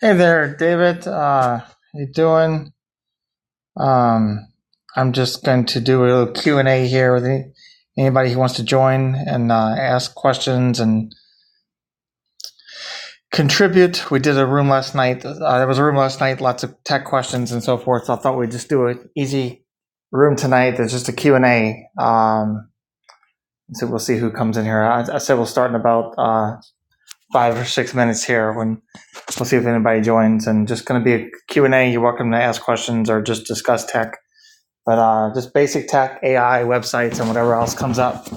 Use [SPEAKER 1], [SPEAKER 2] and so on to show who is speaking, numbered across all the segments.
[SPEAKER 1] Hey there, David. Uh, how you doing? Um, I'm just going to do a little Q and A here with any, anybody who wants to join and uh, ask questions and contribute. We did a room last night. Uh, there was a room last night, lots of tech questions and so forth. So I thought we'd just do an easy room tonight. There's just a Q and A. Um, so we'll see who comes in here. I, I said we'll start in about uh, five or six minutes here when We'll see if anybody joins and just going to be a Q and a You're welcome to ask questions or just discuss tech. But uh, just basic tech, AI, websites, and whatever else comes up.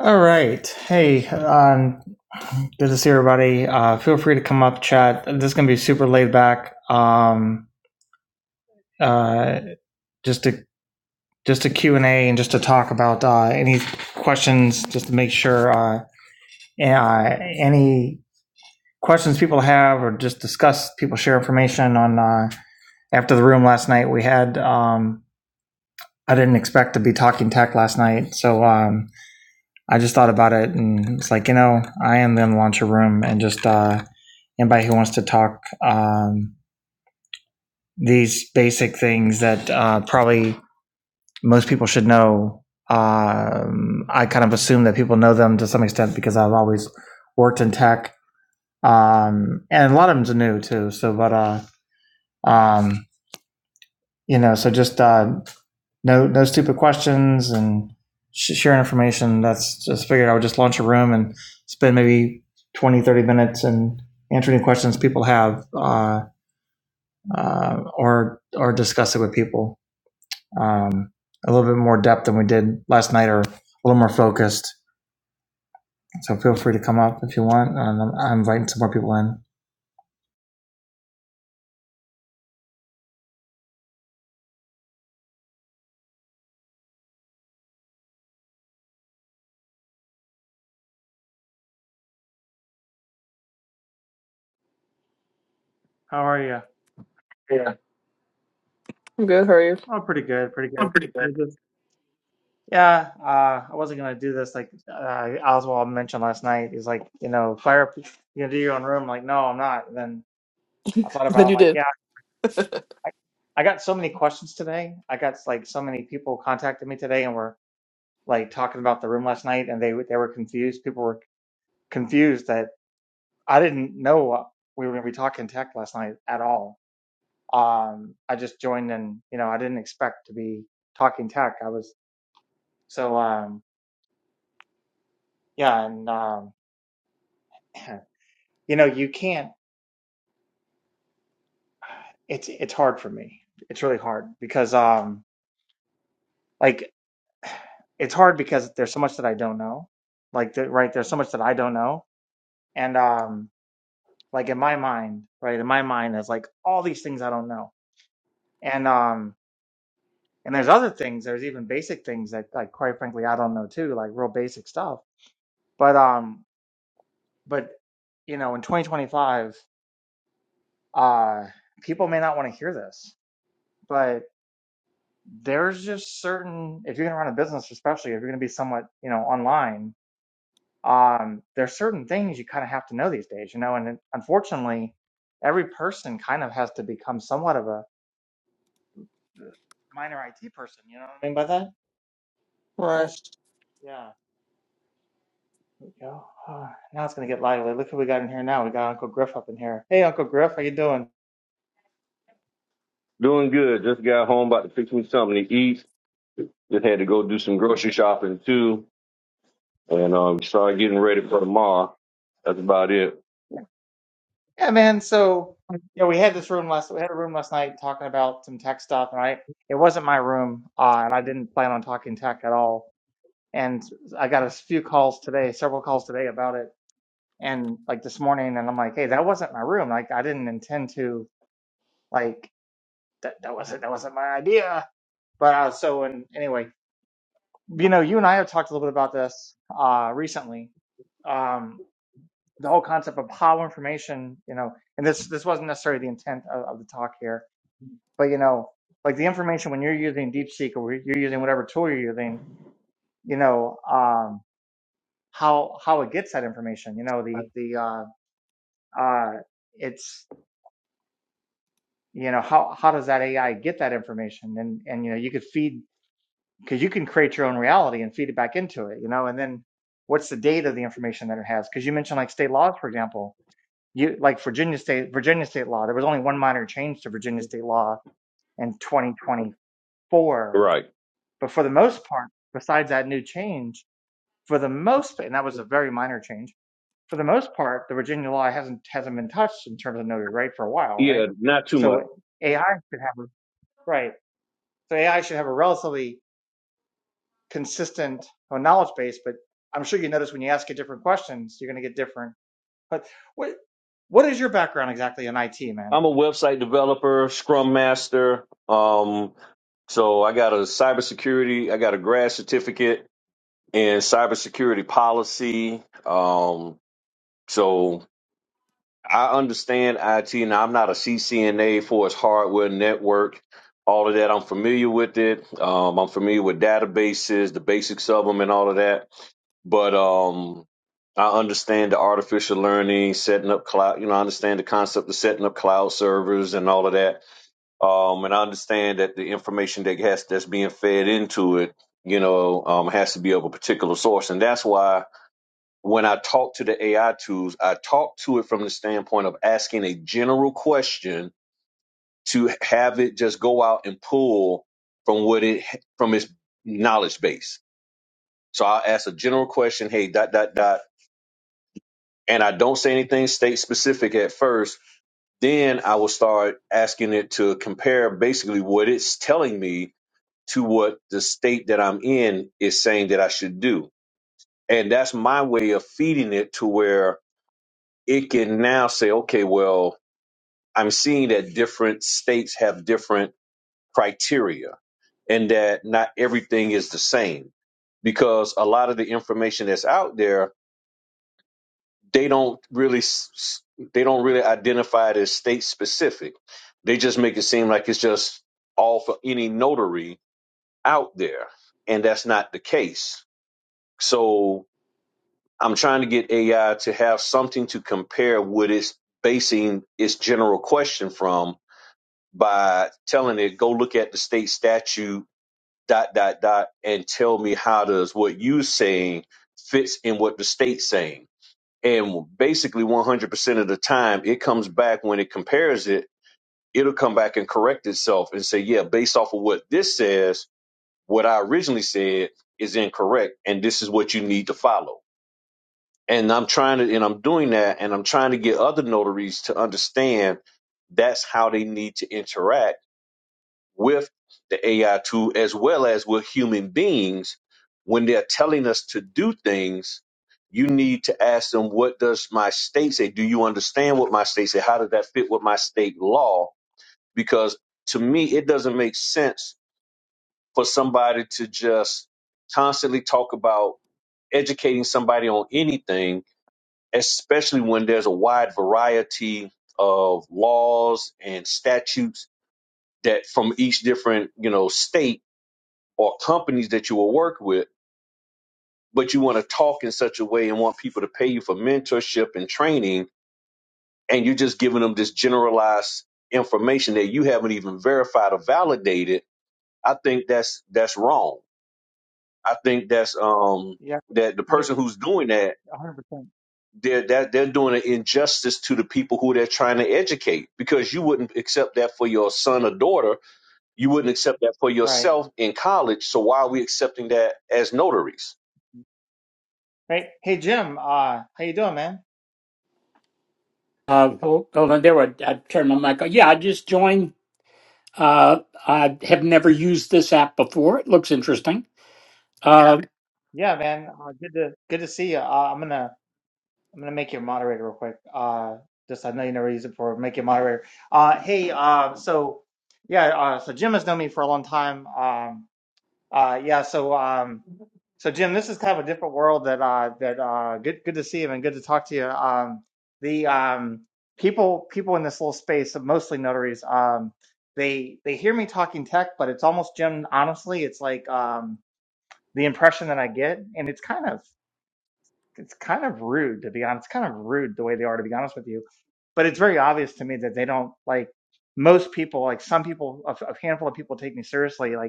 [SPEAKER 1] All right. Hey, um, good to see everybody. Uh, feel free to come up, chat. This is going to be super laid back. Um, uh, just to just a Q and A and just to talk about uh, any questions, just to make sure uh, uh, any questions people have or just discuss people share information on uh, after the room last night we had um, i didn't expect to be talking tech last night so um, i just thought about it and it's like you know i am going to launch a room and just uh, anybody who wants to talk um, these basic things that uh, probably most people should know. Um, I kind of assume that people know them to some extent because I've always worked in tech, um, and a lot of them's new too. So, but uh, um, you know, so just uh, no no stupid questions and sh- share information. That's just figured I would just launch a room and spend maybe 20, 30 minutes and answer any questions people have uh, uh, or or discuss it with people. Um, a little bit more depth than we did last night, or a little more focused. So feel free to come up if you want. And I'm, inviting some more people in. How are you?
[SPEAKER 2] Yeah, I'm good. How are you?
[SPEAKER 1] Oh, pretty good, pretty good.
[SPEAKER 2] I'm pretty
[SPEAKER 1] We
[SPEAKER 2] good.
[SPEAKER 1] just- yeah, uh, I wasn't gonna do this like uh, Oswald mentioned last night. He's like, you know, fire, up- you gonna do your own room? I'm like, no, I'm not. Then. I thought about
[SPEAKER 2] Then you
[SPEAKER 1] it, like,
[SPEAKER 2] did.
[SPEAKER 1] yeah, I, I got so many questions today. I got like so many people contacted me today and were like talking about the room last night, and they they were confused. People were confused that I didn't know we were going to be talking tech last night at all. Um, I just joined and you know I didn't expect to be talking tech. I was so um yeah, and um you know you can't. It's it's hard for me. It's really hard because um like it's hard because there's so much that I don't know. Like the, right, there's so much that I don't know, and um, like in my mind, right, in my mind, there's like all these things I don't know, and um, and there's other things. There's even basic things that, like, quite frankly, I don't know too, like real basic stuff. But um, but you know, in 2025, uh, people may not want to hear this, but there's just certain if you're going to run a business, especially if you're going to be somewhat, you know, online um, there's certain things you kind of have to know these days, you know, and unfortunately, every person kind of has to become somewhat of a minor IT person. You know what I mean by that?
[SPEAKER 2] Right.
[SPEAKER 1] That's- yeah. There we go. Ah, now it's gonna get lively. Look who we got in here now. We got Uncle Griff up in here. Hey, Uncle Griff, how you doing?
[SPEAKER 3] Doing good. Just got home, about to fix me something to eat. Just had to go do some grocery shopping too, and um, started getting ready for tomorrow. That's about it.
[SPEAKER 1] Yeah, man. So, you know, we had this room last, we had a room last night talking about some tech stuff, right? it wasn't my room, uh, and I didn't plan on talking tech at all. And I got a few calls today, several calls today about it, and like this morning, and I'm like, hey, that wasn't my room. Like, I didn't intend to, like, that, that wasn't, that wasn't my idea. But uh, so, and anyway, you know, you and I have talked a little bit about this, uh, recently. Um, the whole concept of how information, you know, and this, this wasn't necessarily the intent of, of the talk here But you know, like the information when you're using DeepSeek or you're using whatever tool you're using, you know, um, how how it gets that information. You know, the the uh, uh, it's you know how how does that AI get that information? And and you know, you could feed because you can create your own reality and feed it back into it. You know, and then what's the date of the information that it has? Because you mentioned like state laws, for example. You like Virginia state Virginia state law. There was only one minor change to Virginia state law in 2024
[SPEAKER 3] Right.
[SPEAKER 1] But for the most part, besides that new change, for the most, and that was a very minor change, for the most part, the Virginia law hasn't hasn't been touched in terms of notary right for a while, right?
[SPEAKER 3] Yeah, not too
[SPEAKER 1] So
[SPEAKER 3] much.
[SPEAKER 1] AI should have a right. So AI should have a relatively consistent well, knowledge base, but I'm sure you notice when you ask it different questions, you're going to get different. But what what is your background exactly in IT, man?
[SPEAKER 3] I'm a website developer, Scrum master. Um, so I got a cybersecurity. I got a grad certificate in cybersecurity policy. Um, so I understand IT, and I'm not a CCNA for its hardware network. All of that, I'm familiar with it. Um, I'm familiar with databases, the basics of them, and all of that. But um, I understand the artificial learning, setting up cloud. You know, I understand the concept of setting up cloud servers and all of that. Um, and I understand that the information that has that's being fed into it, you know, um, has to be of a particular source, and that's why when I talk to the AI tools, I talk to it from the standpoint of asking a general question to have it just go out and pull from what it from its knowledge base. So I'll ask a general question, hey, dot dot dot, and I don't say anything state specific at first. Then I will start asking it to compare basically what it's telling me to what the state that I'm in is saying that I should do. And that's my way of feeding it to where it can now say, okay, well, I'm seeing that different states have different criteria and that not everything is the same because a lot of the information that's out there, they don't really s- s- they don't really identify it as state specific. They just make it seem like it's just all for any notary out there, and that's not the case. So I'm trying to get AI to have something to compare what it's basing its general question from by telling it, go look at the state statute, dot, dot, dot, and tell me how does what you saying fits in what the state's saying. And basically 100% of the time, it comes back when it compares it, it'll come back and correct itself and say, yeah, based off of what this says, what I originally said is incorrect, and this is what you need to follow. And I'm trying to, and I'm doing that, and I'm trying to get other notaries to understand that's how they need to interact with the AI tool as well as with human beings when they're telling us to do things. You need to ask them, what does my state say? Do you understand what my state say? How does that fit with my state law? Because to me, it doesn't make sense for somebody to just constantly talk about educating somebody on anything, especially when there's a wide variety of laws and statutes that from each different, you know, state or companies that you will work with, but you want to talk in such a way and want people to pay you for mentorship and training, and you're just giving them this generalized information that you haven't even verified or validated. I think that's that's wrong. I think that's um
[SPEAKER 1] Yeah,
[SPEAKER 3] that the
[SPEAKER 1] me-
[SPEAKER 3] person who's doing that
[SPEAKER 1] 100%.
[SPEAKER 3] they're that they're doing an injustice to the people who they're trying to educate because you wouldn't accept that for your son or daughter. You wouldn't accept that for
[SPEAKER 1] Right.
[SPEAKER 3] yourself in college. So why are we accepting that as notaries?
[SPEAKER 1] Right. Hey Jim, uh how you doing, man?
[SPEAKER 4] Uh, hold, hold on, there. I, I turned my mic on. Yeah, I just joined. Uh, I have never used this app before. It looks interesting. Uh,
[SPEAKER 1] Yeah, man. Uh, good to good to see you. Uh, I'm gonna I'm gonna make you a moderator real quick. Uh just I know you never use it for make you a moderator. Uh hey, uh so yeah, uh so Jim has known me for a long time. Um Uh, yeah. So, um, so Jim, this is kind of a different world that uh, that uh, good good to see you and good to talk to you. Um, the um, people people in this little space, mostly notaries, um, they they hear me talking tech, but it's almost Jim. Honestly, it's like um, the impression that I get, and it's kind of it's kind of rude to be honest. It's kind of rude the way they are to be honest with you. But it's very obvious to me that they don't like most people. Like some people, a, a handful of people take me seriously. Like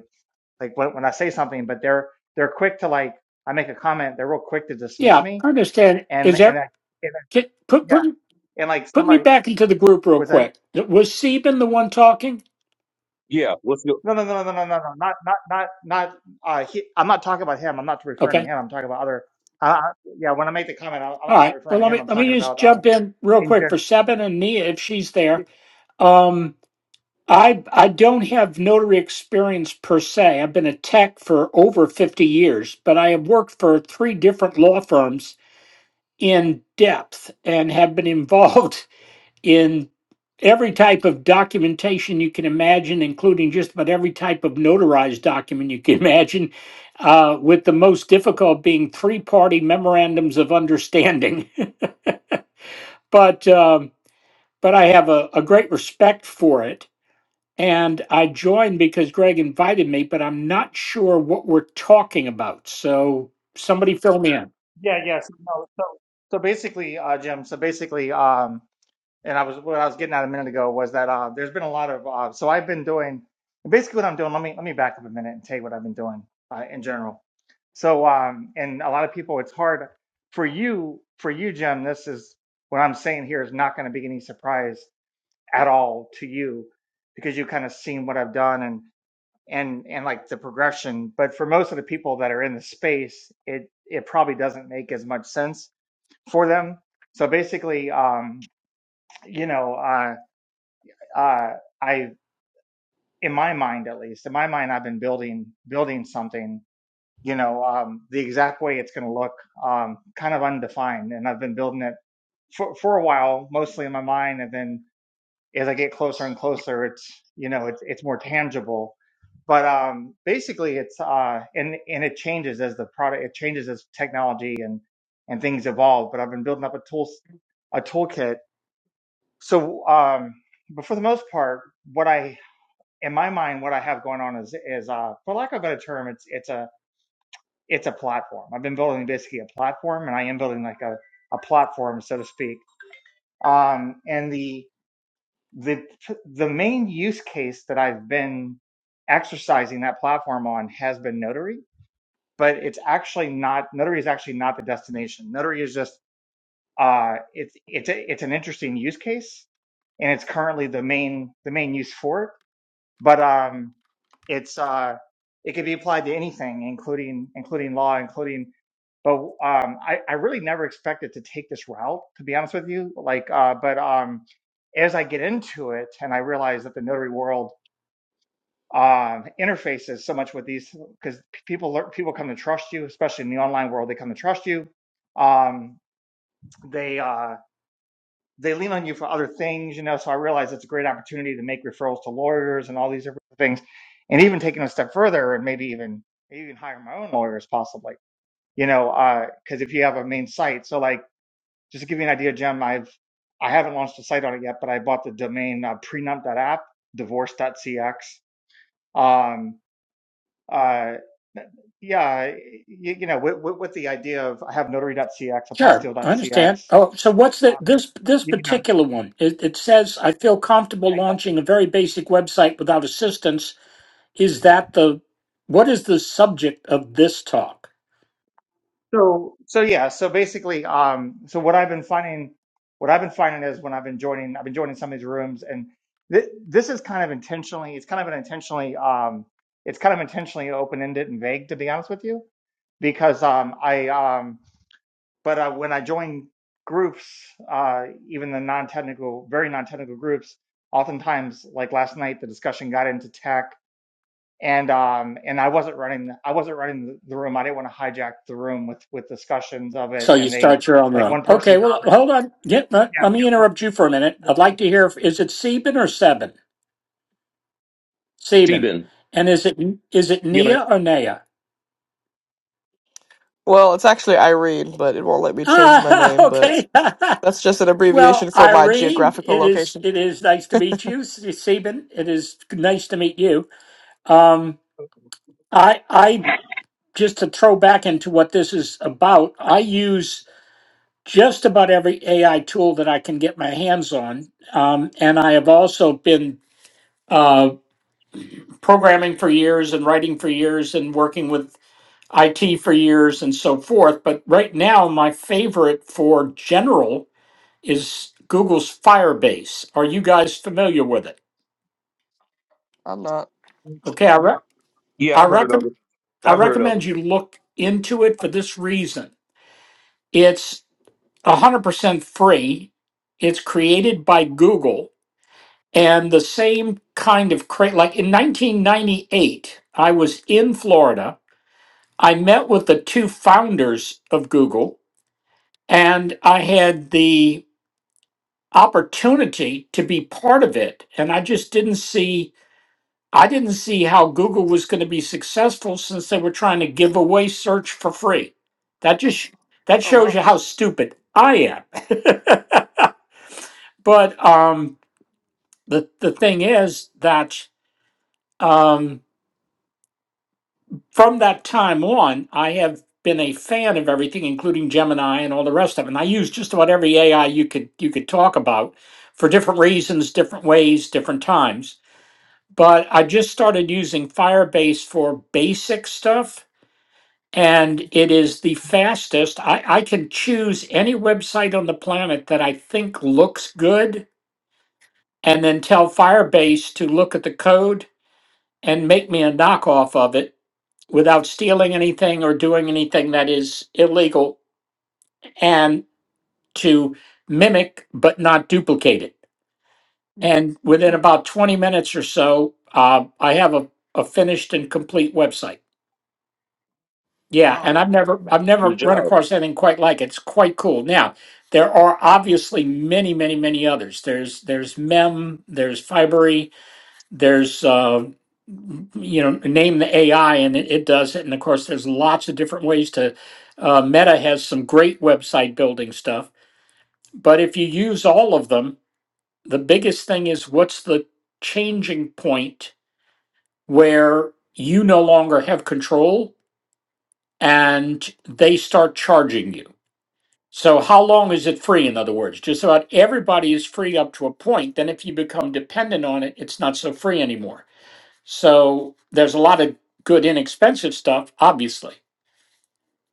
[SPEAKER 1] like when, I say something, but they're they're quick to like I make a comment, they're real quick to dismiss
[SPEAKER 4] yeah,
[SPEAKER 1] me,
[SPEAKER 4] I understand.
[SPEAKER 1] and
[SPEAKER 4] Is
[SPEAKER 1] and,
[SPEAKER 4] there?
[SPEAKER 1] I, and I-
[SPEAKER 4] Get, put
[SPEAKER 1] yeah,
[SPEAKER 4] put
[SPEAKER 1] and like
[SPEAKER 4] put me
[SPEAKER 1] somebody
[SPEAKER 4] back into the group real
[SPEAKER 1] was that
[SPEAKER 4] quick. Was Seben the one talking?
[SPEAKER 3] Yeah. What's your
[SPEAKER 1] no no no no no no no no, not not not not uh he, I'm not talking about him. I'm not referring to
[SPEAKER 4] Okay.
[SPEAKER 1] him. I'm talking about other. Uh, uh, yeah, when I make the comment, I,
[SPEAKER 4] All
[SPEAKER 1] I'm not
[SPEAKER 4] right.
[SPEAKER 1] referring
[SPEAKER 4] Well,
[SPEAKER 1] to
[SPEAKER 4] let
[SPEAKER 1] him.
[SPEAKER 4] me
[SPEAKER 1] I'm
[SPEAKER 4] let
[SPEAKER 1] talking
[SPEAKER 4] me just
[SPEAKER 1] about uh
[SPEAKER 4] jump in real
[SPEAKER 1] in
[SPEAKER 4] quick for
[SPEAKER 1] Jim.
[SPEAKER 4] Seben and Nia if she's there. Um, I I don't have notary experience per se. I've been a tech for over fifty years, but I have worked for three different law firms in depth and have been involved in every type of documentation you can imagine, including just about every type of notarized document you can imagine, uh, with the most difficult being three party memorandums of understanding. but um, but I have a, a great respect for it. And I joined because Greg invited me, but I'm not sure what we're talking about. So somebody fill me in.
[SPEAKER 1] Yeah, yeah. So, no, so so basically, uh, Jim. So basically, um, and I was what I was getting at a minute ago was that uh, there's been a lot of uh, so I've been doing basically what I'm doing. Let me let me back up a minute and tell you what I've been doing uh, in general. So um, and a lot of people, it's hard for you for you, Jim. This is what I'm saying here is not going to be any surprise at all to you because you kind of seen what I've done and and and like the progression. But for most of the people that are in the space, it it probably doesn't make as much sense for them. So basically, um, you know. uh, uh, I, in my mind at least, in my mind, I've been building building something. You know, um, the exact way it's going to look, um, kind of undefined, and I've been building it for for a while, mostly in my mind, and then as I get closer and closer, it's you know, it's it's more tangible. But um, basically, it's uh, and and it changes as the product, it changes as technology and and things evolve. But I've been building up a tools a toolkit. So um, but for the most part, what I in my mind, what I have going on is is uh, for lack of a better term, it's it's a it's a platform. I've been building basically a platform, and I am building like a a platform, so to speak. Um, and the the the main use case that I've been exercising that platform on has been Notary, but it's actually not Notary is actually not the destination. Notary is just uh, it's it's a, it's an interesting use case, and it's currently the main the main use for it but um, it's uh, it can be applied to anything, including including law, including. But um, I I really never expected to take this route, to be honest with you. Like, uh, but um, as I get into it, and I realize that the notary world um interfaces so much with these because people learn, people come to trust you, especially in the online world, they come to trust you. Um, they uh, they lean on you for other things, you know. So I realize it's a great opportunity to make referrals to lawyers and all these different things, and even taking a step further and maybe even maybe even hire my own lawyers possibly, you know, because if you have a main site, so like just to give you an idea, Jim, I've I haven't launched a site on it yet, but I bought the domain uh, prenup.app, divorce.cx. Um, uh, yeah, you, you know, with, with, with the idea of I have notary.cx,
[SPEAKER 4] Sure, I
[SPEAKER 1] apostille.cx,
[SPEAKER 4] understand. Oh, so what's
[SPEAKER 1] uh,
[SPEAKER 4] the this this
[SPEAKER 1] you know,
[SPEAKER 4] particular one? It, it says I feel comfortable launching a very basic website without assistance. Is that the what is the subject of this talk?
[SPEAKER 1] So so yeah, so basically, um, so what I've been finding, what I've been finding is when I've been joining, I've been joining some of these rooms, and th this is kind of intentionally, it's kind of an intentionally, um, it's kind of intentionally open-ended and vague, to be honest with you, because um, I, um, but uh, when I join groups, uh, even the non-technical, very non-technical groups, oftentimes, like last night, the discussion got into tech and um and I wasn't running I wasn't running the room. I didn't want to hijack the room with with discussions of it.
[SPEAKER 4] So you
[SPEAKER 1] And they
[SPEAKER 4] start your own
[SPEAKER 1] like
[SPEAKER 4] room.
[SPEAKER 1] one person,
[SPEAKER 4] Okay, well, hold on. Yeah, let, let me
[SPEAKER 1] yeah,
[SPEAKER 4] interrupt you for a minute. I'd like to hear if is it Seben or Seven? Seben.
[SPEAKER 3] Sebin.
[SPEAKER 4] And is it is it
[SPEAKER 3] Yeah, man.
[SPEAKER 4] Nia or Naya?
[SPEAKER 2] Well, it's actually Irene, but it won't let me change my
[SPEAKER 4] Ah,
[SPEAKER 2] name, but
[SPEAKER 4] okay.
[SPEAKER 2] that's just an
[SPEAKER 4] Well,
[SPEAKER 2] abbreviation for my
[SPEAKER 4] Irene,
[SPEAKER 2] geographical
[SPEAKER 4] it is
[SPEAKER 2] location.
[SPEAKER 4] it is nice to meet you, S- Seben. It is nice to meet you. Um, I I just to throw back into what this is about. I use just about every AI tool that I can get my hands on, um, and I have also been uh, programming for years and writing for years and working with IT for years and so forth. But right now, my favorite for general is Google's Firebase. Are you guys familiar with it?
[SPEAKER 2] I'm not.
[SPEAKER 4] Okay, I re-
[SPEAKER 3] Yeah,
[SPEAKER 4] I
[SPEAKER 3] I've heard of
[SPEAKER 4] recommend
[SPEAKER 3] it.
[SPEAKER 4] I
[SPEAKER 3] I've heard of
[SPEAKER 4] recommend
[SPEAKER 3] it.
[SPEAKER 4] you look into it for this reason. It's 100% free. It's created by Google and the same kind of cra like in 1998 I was in Florida. I met with the two founders of Google and I had the opportunity to be part of it and I just didn't see I didn't see how Google was going to be successful since they were trying to give away search for free. That just that
[SPEAKER 2] Oh,
[SPEAKER 4] shows
[SPEAKER 2] wow.
[SPEAKER 4] you how stupid I am. but um the the thing is that um, from that time on, I have been a fan of everything, including Gemini and all the rest of it. And I use just about every AI you could you could talk about for different reasons, different ways, different times. But I just started using Firebase for basic stuff, and it is the fastest. I, I can choose any website on the planet that I think looks good, and then tell Firebase to look at the code and make me a knockoff of it without stealing anything or doing anything that is illegal and to mimic but not duplicate it. And within
[SPEAKER 2] Hmm.
[SPEAKER 4] about 20 minutes or so, uh, I have a, a finished and complete website. Yeah,
[SPEAKER 2] Wow.
[SPEAKER 4] and I've never I've never
[SPEAKER 3] Good job.
[SPEAKER 4] run across anything quite like it. It's quite cool. Now, there are obviously many, many, many others. There's there's Mem, there's Fibery, there's uh, you know name the AI and it, it does it. And of course, there's lots of different ways to. Uh, Meta has some great website building stuff, but if you use all of them, the biggest thing is what's the changing point where you no longer have control and they start charging you. So how long is it free? In other words, just about everybody is free up to a point. Then if you become dependent on it, it's not so free anymore. So there's a lot of good inexpensive stuff, obviously,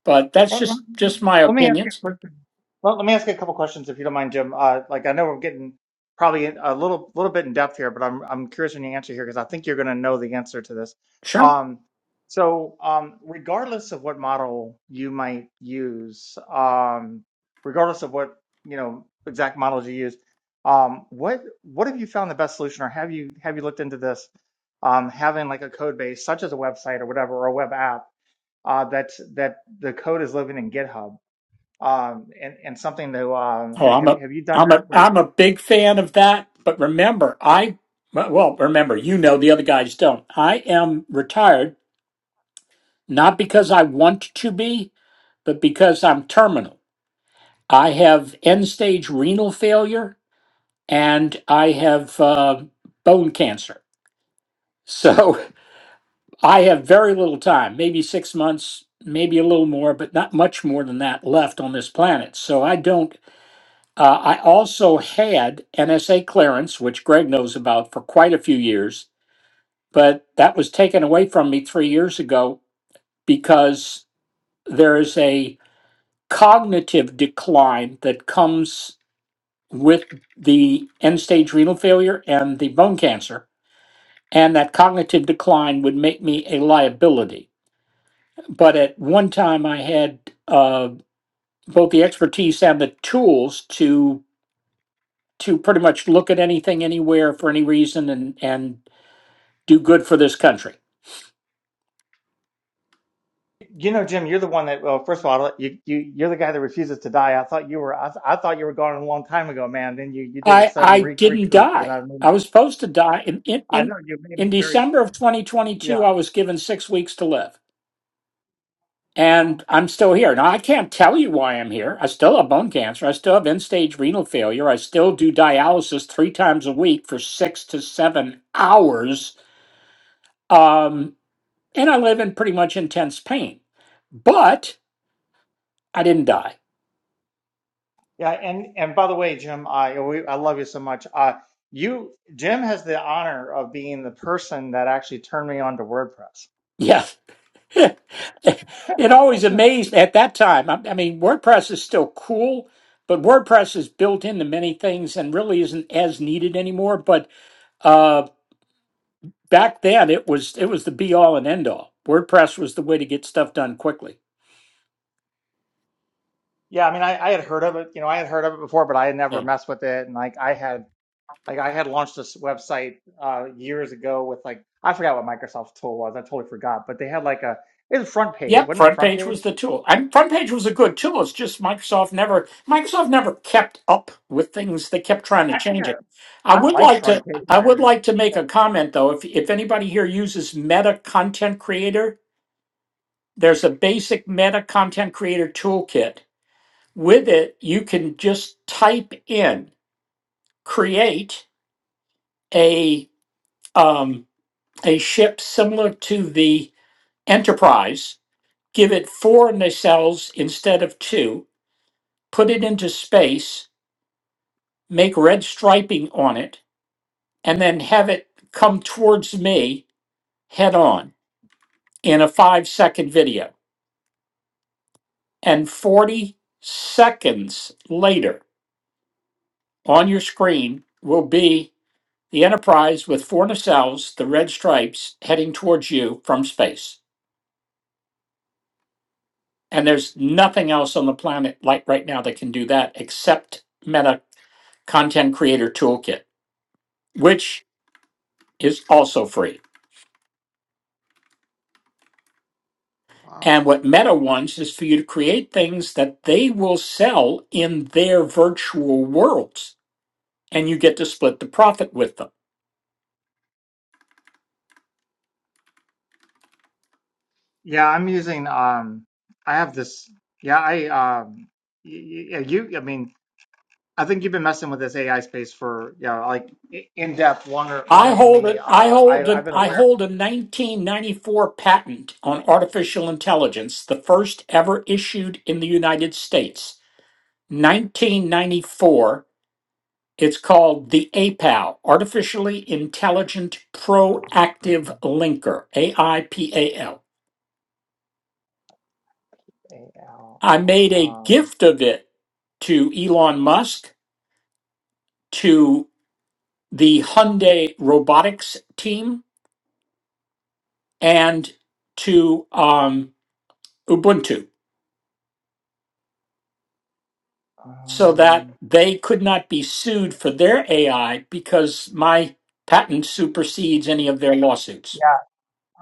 [SPEAKER 4] but that's
[SPEAKER 1] Well, let
[SPEAKER 4] just just my
[SPEAKER 1] let me ask you a
[SPEAKER 4] opinions.
[SPEAKER 1] question. Well, let me ask you a couple questions, if you don't mind, Jim. Uh, like I know we're getting probably a little little bit in depth here, but I'm I'm curious on your answer here because I think you're going to know the answer to this.
[SPEAKER 4] Sure.
[SPEAKER 1] Um, so um, regardless of what model you might use, um, regardless of what you know exact models you use, um, what what have you found the best solution, or have you have you looked into this? Um, having like a code base, such as a website or whatever, or a web app uh, that's that the code is living in GitHub. Um, and and something that um,
[SPEAKER 4] Oh, I'm
[SPEAKER 1] have you
[SPEAKER 4] a
[SPEAKER 1] have you done
[SPEAKER 4] I'm
[SPEAKER 1] that?
[SPEAKER 4] a
[SPEAKER 1] Where
[SPEAKER 4] I'm a big fan of that. But remember, I well well, remember you know the other guys don't. I am retired not because I want to be, but because I'm terminal. I have end stage renal failure and I have uh, bone cancer. So I have very little time, maybe six months, maybe a little more, but not much more than that left on this planet. So I don't. Uh, I also had NSA clearance, which Greg knows about for quite a few years, but that was taken away from me three years ago because there is a cognitive decline that comes with the end stage renal failure and the bone cancer. And that cognitive decline would make me a liability. but at one time I had uh, both the expertise and the tools to to pretty much look at anything anywhere for any reason and and do good for this country.
[SPEAKER 1] you know, Jim, you're the one that. Well, first of all, you you you're the guy that refuses to die. I thought you were I, I thought you were gone a long time ago, man. Then you you did a
[SPEAKER 4] I
[SPEAKER 1] sudden
[SPEAKER 4] I
[SPEAKER 1] re-
[SPEAKER 4] didn't
[SPEAKER 1] recoup, and
[SPEAKER 4] die.
[SPEAKER 1] I mean,
[SPEAKER 4] I was supposed to die in in
[SPEAKER 1] I
[SPEAKER 4] in,
[SPEAKER 1] know you made me
[SPEAKER 4] in
[SPEAKER 1] very
[SPEAKER 4] December of 2022.
[SPEAKER 1] yeah
[SPEAKER 4] I was given six weeks to live,
[SPEAKER 2] Oh, wow.
[SPEAKER 4] and I'm still here. Now I can't tell you why I'm here. I still have bone cancer. I still have end stage renal failure. I still do dialysis three times a week for six to seven hours. Um, and I live in pretty much intense pain. But I didn't die.
[SPEAKER 1] yeah. And and by the way, Jim, I we, I love you so much. Uh, you Jim has the honor of being the person that actually turned me on to WordPress.
[SPEAKER 4] Yeah. it always amazed at that time. I, I mean, WordPress is still cool, but WordPress is built into many things and really isn't as needed anymore. But uh, back then, it was it was the be all and end all. WordPress was the way to get stuff done quickly.
[SPEAKER 1] Yeah, I mean, I, I had heard of it. You know, I had heard of it before, but I had
[SPEAKER 4] Yeah.
[SPEAKER 1] never messed with it. And like, I had Like I had launched this website uh, years ago with like I forgot what Microsoft tool was. I totally forgot, but they had like a it was front page,
[SPEAKER 4] Yep,
[SPEAKER 1] wasn't it?
[SPEAKER 4] front
[SPEAKER 1] Front
[SPEAKER 4] page was
[SPEAKER 1] page.
[SPEAKER 4] the tool. And front page was a good tool. It's just Microsoft never Microsoft never kept up with things. They kept trying to
[SPEAKER 1] Actually,
[SPEAKER 4] change it. I
[SPEAKER 1] I, I
[SPEAKER 4] would
[SPEAKER 1] like
[SPEAKER 4] like to
[SPEAKER 1] front page,
[SPEAKER 4] I would
[SPEAKER 1] man.
[SPEAKER 4] like to make
[SPEAKER 1] Yeah.
[SPEAKER 4] a comment though. If if anybody here uses Meta Content Creator, there's a basic Meta Content Creator toolkit. With it, you can just type in create a um, a ship similar to the Enterprise. Give it four nacelles instead of two put it into space, make red striping on it, and then have it come towards me head on in a five second video. And 40 seconds later on your screen will be the Enterprise with four nacelles, the red stripes heading towards you from space. And there's nothing else on the planet like right now that can do that except Meta Content Creator Toolkit, which is also free.
[SPEAKER 2] Wow.
[SPEAKER 4] And what Meta wants is for you to create things that they will sell in their virtual worlds, and you get to split the profit with them.
[SPEAKER 1] yeah, I'm using. Um, I have this. Yeah, I. Um, y- y- yeah, you. I mean, I think you've been messing with this AI space for yeah, like i- in depth longer
[SPEAKER 4] I
[SPEAKER 1] longer than
[SPEAKER 4] hold
[SPEAKER 1] me.
[SPEAKER 4] it. I
[SPEAKER 1] Uh, I
[SPEAKER 4] hold a,
[SPEAKER 1] I've been
[SPEAKER 4] I
[SPEAKER 1] aware of
[SPEAKER 4] hold a 1994 patent on artificial intelligence, the first ever issued in the United States. 1994. It's called the APAL, Artificially Intelligent Proactive Linker, AIPAL.
[SPEAKER 1] AI.
[SPEAKER 4] I
[SPEAKER 1] Yeah,
[SPEAKER 4] made a
[SPEAKER 1] um,
[SPEAKER 4] gift of it to Elon Musk, to the Hyundai robotics team, and to um, Ubuntu so
[SPEAKER 1] um,
[SPEAKER 4] that they could not be sued for their AI because my patent supersedes any of their lawsuits.
[SPEAKER 1] yeah.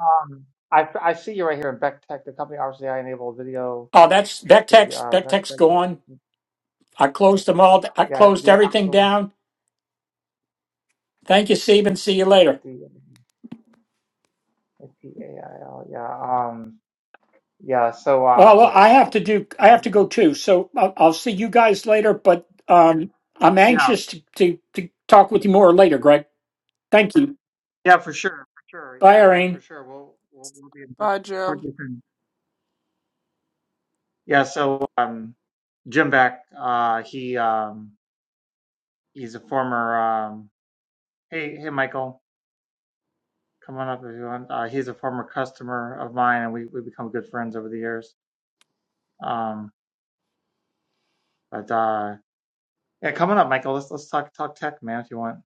[SPEAKER 1] Um, I, I see you right here in Beck Tech, the company RCI enabled video,
[SPEAKER 4] Oh, that's
[SPEAKER 1] the
[SPEAKER 4] Vectex.
[SPEAKER 1] uh, Beck,
[SPEAKER 4] Vectex
[SPEAKER 1] Beck,
[SPEAKER 4] gone. I closed them all. I
[SPEAKER 1] yeah,
[SPEAKER 4] closed
[SPEAKER 1] the
[SPEAKER 4] everything
[SPEAKER 1] actual,
[SPEAKER 4] down. Thank you, Stephen. See you later.
[SPEAKER 1] the P-A-I-L, yeah, um, yeah, so,
[SPEAKER 4] Well, well,
[SPEAKER 1] um,
[SPEAKER 4] I have to do. I have to go too. So I'll, I'll see you guys later. But um, I'm
[SPEAKER 1] yeah,
[SPEAKER 4] anxious to, to to talk with you more later, Greg. Thank you.
[SPEAKER 1] yeah, for sure, for sure,
[SPEAKER 4] Bye,
[SPEAKER 1] yeah, man,
[SPEAKER 4] Irene.
[SPEAKER 1] for sure, we'll, we'll, we'll be in touch,
[SPEAKER 2] Bye,
[SPEAKER 1] talk
[SPEAKER 2] Jim.
[SPEAKER 1] to you soon. Yeah, so, um, Jim Beck, uh, he, um, he's a former, um, hey, hey, Michael, come on up if you want, uh, he's a former customer of mine, and we, we become good friends over the years. Um, But uh, yeah, coming up, Michael. Let's let's talk talk tech, man. If you want.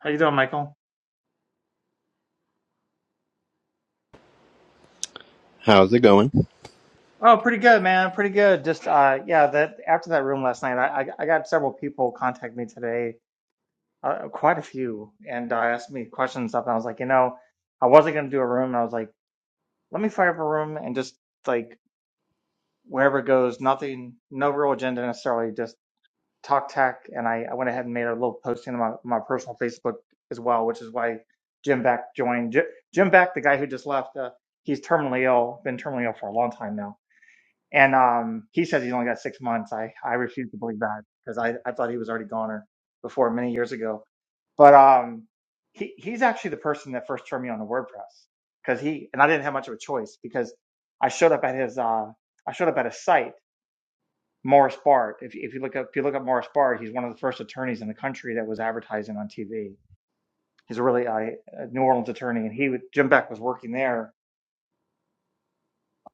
[SPEAKER 1] How you doing, Michael?
[SPEAKER 5] How's it going?
[SPEAKER 1] Good, man. Pretty good. Just uh, yeah. That after that room last night, I I, I got several people contact me today, uh, quite a few, and uh, asked me questions and stuff. And I was like, you know, I wasn't gonna do a room. And I was like, let me fire up a room and just like wherever it goes, nothing, no real agenda necessarily, Just. Talk Tech, and I, I went ahead and made a little posting on my, my personal Facebook as well, which is why Jim Beck joined. Jim, Jim Beck, the guy who just left, uh, he's terminally ill, been terminally ill for a long time now. And um, he says he's only got six months. I, I refuse to believe that because I, I thought he was already goner before many years ago. But um, he, he's actually the person that first turned me on to WordPress because he, and I didn't have much of a choice because I showed up at his, uh, I showed up at a site Morris Bart. If, if you look up, if you look up Morris Bart, he's one of the first attorneys in the country that was advertising on TV. He's a really uh, a New Orleans attorney, and he would- Jim Beck was working there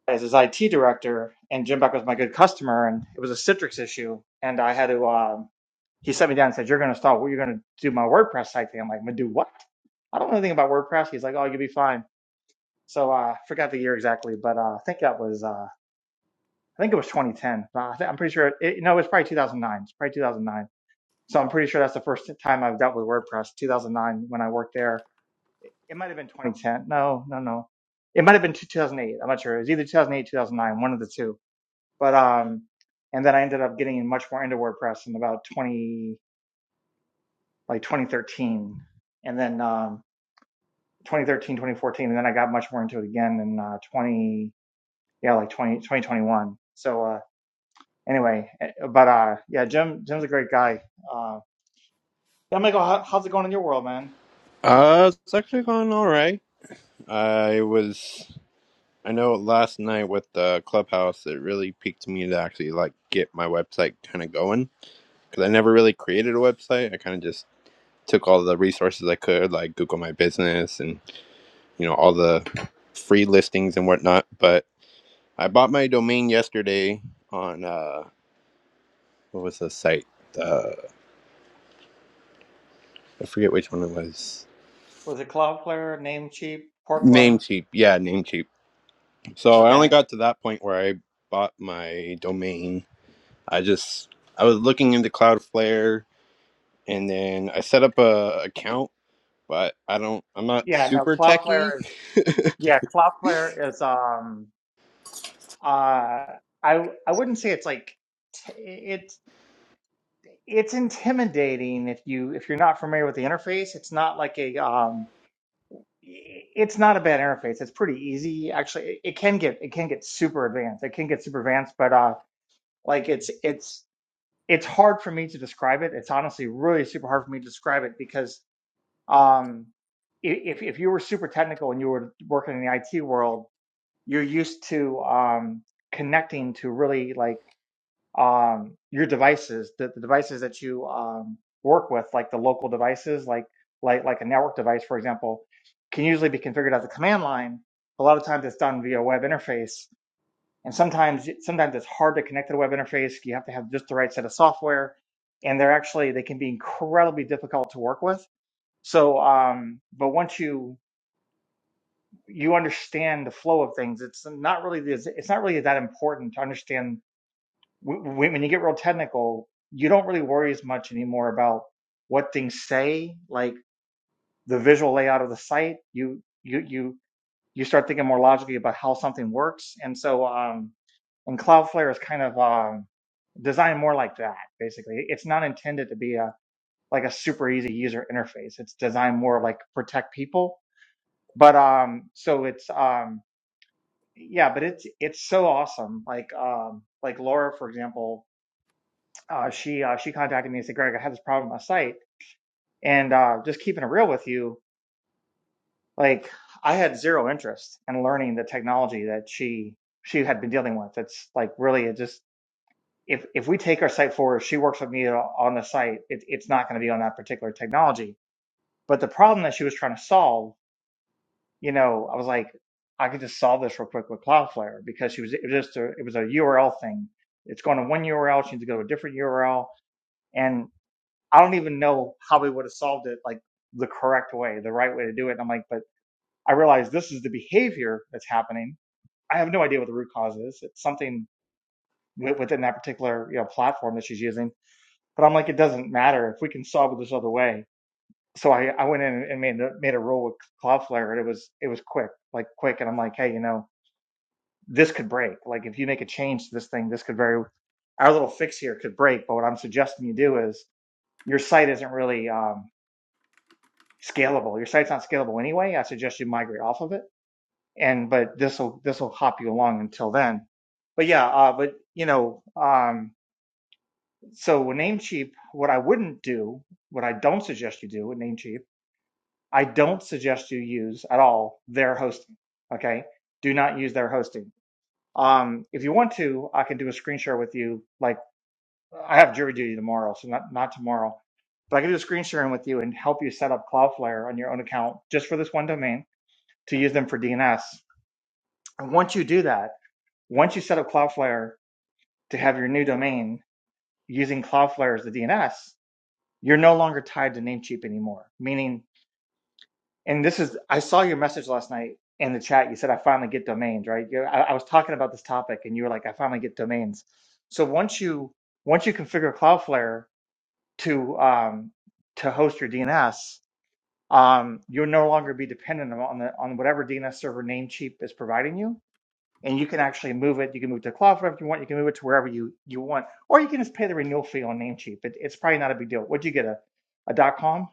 [SPEAKER 1] as his IT director, and Jim Beck was my good customer, and it was a Citrix issue, and I had to. Um, he sat me down and said, "You're going to start. Well, You're going to do my WordPress site thing." I'm like, "I'm going to do what? I don't know anything about WordPress." He's like, "Oh, you'll be fine." So uh, I uh, forgot the year exactly, but uh, I think that was uh, I think it was 2010. Uh, I think, I'm pretty sure. It, no, it was probably 2009. It's probably 2009 So I'm pretty sure that's the first time I've dealt with WordPress, 2009 when I worked there. It might have been 2010. No, no, no. It might have been 2008. I'm not sure. It was either 2008, 2009, one of the two. But um, and then I ended up getting much more into WordPress in about 20, like 2013, and then um, 2013, 2014, and then I got much more into it again in uh, 20, yeah, like 20, 2021. So uh, anyway, eh, but uh, yeah, Jim, Jim's a great guy. Uh, yeah, Michael, how, how's it going in your world, man?
[SPEAKER 5] Uh, it's actually going all right. I was, I know last night with the clubhouse, it really piqued me to actually like get my website kind of going because I never really created a website. I kind of just took all the resources I could, like Google My Business and you know all the free listings and whatnot. But I bought my domain yesterday on uh, what was the site? Uh, I forget which one it was.
[SPEAKER 1] Cloudflare, Namecheap, Porkbun.
[SPEAKER 5] Namecheap, yeah, Namecheap So I only got to that point where I bought my domain. I just I was looking into Cloudflare and then I set up a account, but I don't I'm not super techie.
[SPEAKER 1] Uh, I it's like it's it's intimidating if you if you're not familiar with the interface. It's not like a um it's not a bad interface. It's pretty easy actually. It, can get it can get super advanced. It can get super advanced, but uh like it's it's it's hard for me to describe it. It's honestly really super hard for me to describe it because um if if you were super technical and you were working in the IT world, you're used to um connecting to really like um, your devices, the, the devices that you um, work with, like the local devices, like like like a network device, for example, can usually be configured as a command line. A lot of times it's done via web interface, and sometimes sometimes it's hard to connect to the web interface. You have to have just the right set of software, and they're actually they can be incredibly difficult to work with. So, um, but once you you understand the flow of things, it's not really it's not really that important to understand when you get real technical, you don't really worry as much anymore about what things say, like the visual layout of the site. You you you you start thinking more logically about how something works, and so um, and Cloudflare is kind of um, designed more like that. Basically, it's not intended to be a like a super easy user interface. It's designed more like protect people, but um, so it's um, yeah, but it's it's so awesome. Like um, like Laura, for example uh, she uh, she contacted me and said, "Greg, I had this problem on my site, and uh, just keeping it real with you, like I had zero interest in learning the technology that she she had been dealing with. It's like really, it just if if we take our site forward, she works with me on the site. It, it's not going to be on that particular technology. But the problem that she was trying to solve, you know, I was like, I could just solve this real quick with Cloudflare because she was it was just a, it was a URL thing. It's going to one URL, she needs to go to a different URL, and I don't even know how we would have solved it like the correct way, the right way to do it. And I'm like, but I realize this is the behavior that's happening. I have no idea what the root cause is. It's something wi- within that particular you know platform that she's using. But I'm like, it doesn't matter if we can solve it this other way. So I, I went in and made a- made a rule with Cloudflare, and it was it was quick, like quick. And I'm like, hey, you know, this could break. Like if you make a change to this thing, this could very our little fix here could break. But what I'm suggesting you do is your site isn't really. um, scalable. Your site's not scalable anyway. I suggest you migrate off of it. And but this will this will hop you along until then. But yeah, uh, but you know, um, so with Namecheap, what I wouldn't do, what I don't suggest you do with Namecheap, I don't suggest you use at all their hosting. Okay, do not use their hosting. Um, if you want to, I can do a screen share with you. Like I have jury duty tomorrow, so not not tomorrow, but I can do a screen sharing with you and help you set up Cloudflare on your own account just for this one domain to use them for DNS. And once you do that, once you set up Cloudflare to have your new domain using Cloudflare as the DNS, you're no longer tied to Namecheap anymore. Meaning, and this is, I saw your message last night in the chat. You said, I finally get domains, right? You, I, I was talking about this topic and you were like, I finally get domains. So once you, once you configure Cloudflare to, um, to host your DNS, um, you'll no longer be dependent on the, on whatever DNS server Namecheap is providing you and you can actually move it. You can move it to Cloudflare if you want. You can move it to wherever you, you want, or you can just pay the renewal fee on Namecheap. It, it's probably not a big deal. What'd you get a, a dot com?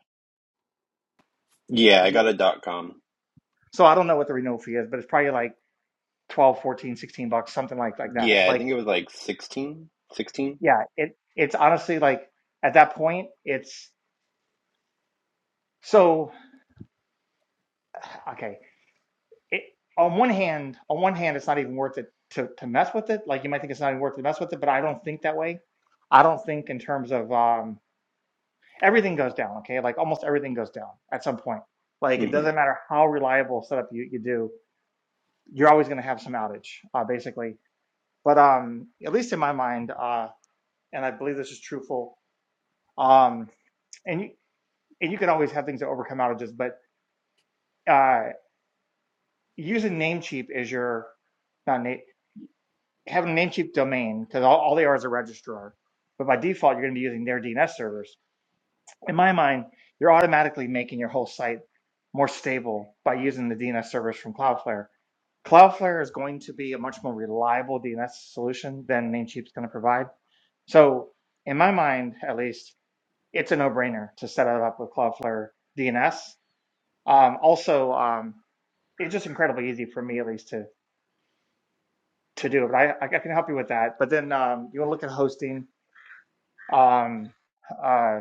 [SPEAKER 5] Yeah, I got a dot com.
[SPEAKER 1] So I don't know what the renewal fee is, but it's probably like twelve, fourteen, sixteen bucks.
[SPEAKER 5] Yeah, I think it was like 16, 16.
[SPEAKER 1] It's honestly at that point. So on one hand, on one hand, it's not even to mess with it, but I don't, I don't think everything goes down. Like almost everything, like and
[SPEAKER 5] hmm
[SPEAKER 1] how reliable you do, you're always gonna. But um, it's in my mind, and I um, and you and you can always have come out of just uh using Namecheap, not Name, having because all, all the A R's are, but by default, you're in my mind, you're automatically stable by using the D from Cloudflare. Cloudflare is reliable than Namecheap provide. So in my mind, it's a no-brainer to set it up with Cloudflare DNS. Um, also um, to do it, but I then uh, uh,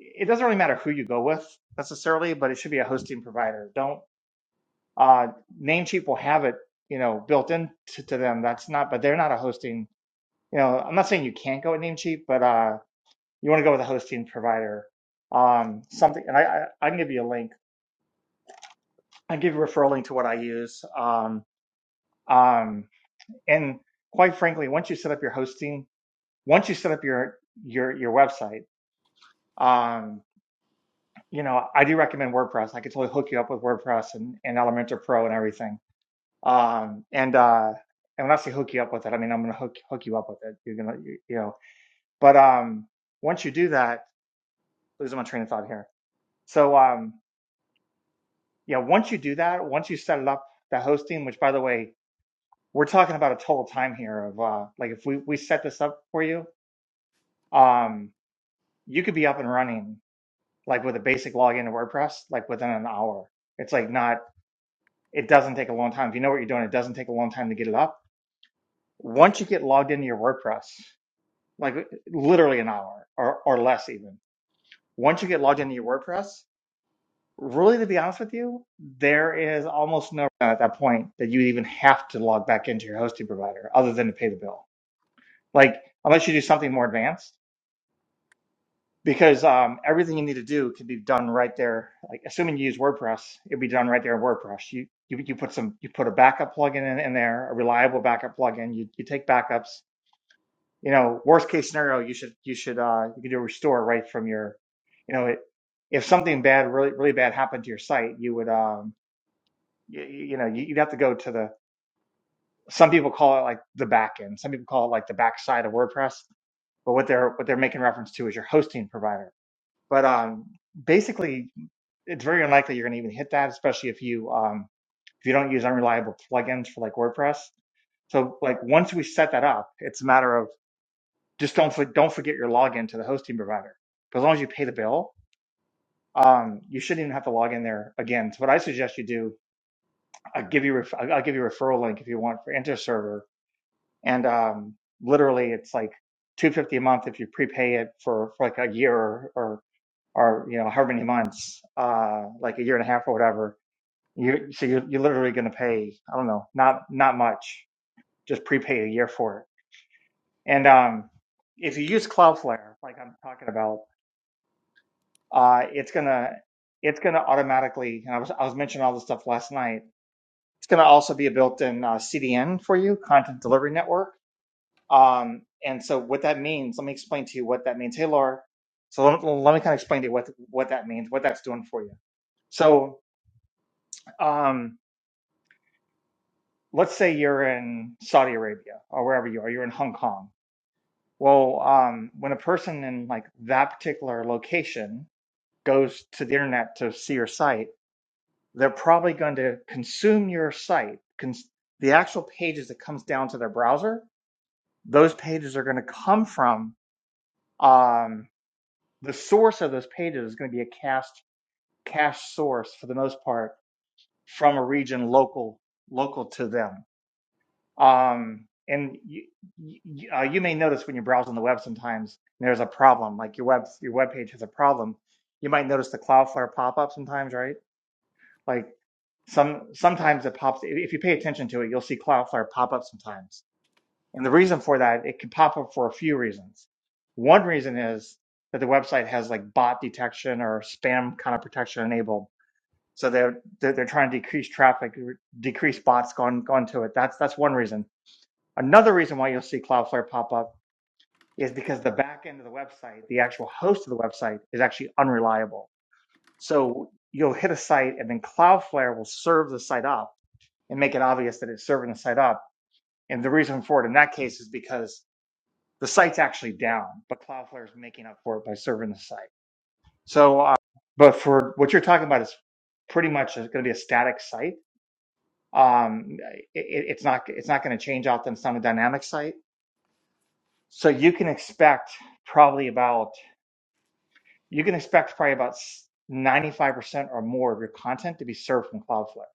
[SPEAKER 1] it doesn't really matter who you go with necessarily, but it should be a hosting provider. Don't uh, Namecheap will have it, you know, built into to them. That's not, but they're not a hosting. You know, I'm not saying you can't go with Namecheap, but uh, you want to go with a hosting provider. Um, something, and I, I, I can give you a link. I can give you a referral link to what I use. Um, um, and quite frankly, once you set up your hosting, once you set up your your your website, um, you know, I do recommend WordPress. I could totally hook you up with WordPress and, and Elementor Pro and everything. Um, and uh, and when I say hook you up with it, I mean I'm going to hook hook you up with it. You're gonna you, you know, but um, once you do that, losing my train of thought here. So um, yeah, once you do that, once you set it up, that hosting, which by the way, we're talking about a total time here of uh, like if we, we set this up for you, um, you could be up and running like with a basic login to WordPress, like within an hour. It's like not, it doesn't take a long time. If you know what you're doing, it doesn't take a long time to get it up. Once you get logged into your WordPress, like literally an hour or, or less even, once you get logged into your WordPress, Really, to be honest with you, there is almost no at that point that you even have to log back into your hosting provider other than to pay the bill. Like, unless you do something more advanced, because um, everything you need to do can be done right there. Like, assuming you use WordPress, it'd be done right there in WordPress. You you, you put some you put a backup plugin in, in there, a reliable backup plugin. You you take backups. You know, worst case scenario, you should you should uh, you can do a restore right from your, you know, it, if something bad really really bad happened to your site, you would um, you, you know, you- would have to go to the, some people call it like the back end. Some people call it like the backside of WordPress. But what they're, what they're making reference to is your hosting provider. But, um, basically it's very unlikely you're going to even hit that, especially if you, um, if you don't use unreliable plugins for like WordPress. So like once we set that up, it's a matter of just don't for, don't forget your login to the hosting provider. But as long as you pay the bill, um, you shouldn't even have to log in there again. So what I suggest you do, I'll give you ref- I'll I'll give you a referral link if you want for InterServer and um, literally it's like 250 a month if you prepay it for, for like a year or, or or you know however many months uh like a year and a half or whatever you so you're, you're literally going to pay i don't know not not much just prepay a year for it and um if you use cloudflare like i'm talking about uh it's gonna it's gonna automatically and i was i was mentioning all this stuff last night it's gonna also be a built-in uh, cdn for you content delivery network Um, and so what that means, let me explain to you what that means. Hey, Laura. So let, let me kind of explain to you what, what that means, what that's doing for you. So um, let's say you're in Saudi Arabia or wherever you are, you're in Hong Kong. Well, um, when a person in like that particular location goes to the internet to see your site, they're probably going to consume your site. Cons- the actual pages that comes down to their browser, those pages are going to come from um, the source of those pages is going to be a cash cache source for the most part from a region local local to them. Um, and you, you, uh, you may notice when you're browsing the web sometimes there's a problem. Like your web your web page has a problem. You might notice the Cloudflare pop up sometimes, right? Like some sometimes it pops. if you pay attention to it, you'll see Cloudflare pop up sometimes and the reason for that, it can pop up for a few reasons. One reason is that the website has like bot detection or spam kind of protection enabled. So they're they're, trying to decrease traffic, decrease bots going going to it. That's that's one reason. Another reason why you'll see Cloudflare pop up is because the back end of the website, the actual host of the website, is actually unreliable. So you'll hit a site and then Cloudflare will serve the site up and make it obvious that it's serving the site up. And the reason for it in that case is because the site's actually down, but Cloudflare is making up for it by serving the site. So, uh, but for what you're talking about is pretty much going to be a static site. Um, it, it's not it's not going to change out them on a dynamic site. So you can expect probably about you can expect probably about 95% or more of your content to be served from Cloudflare.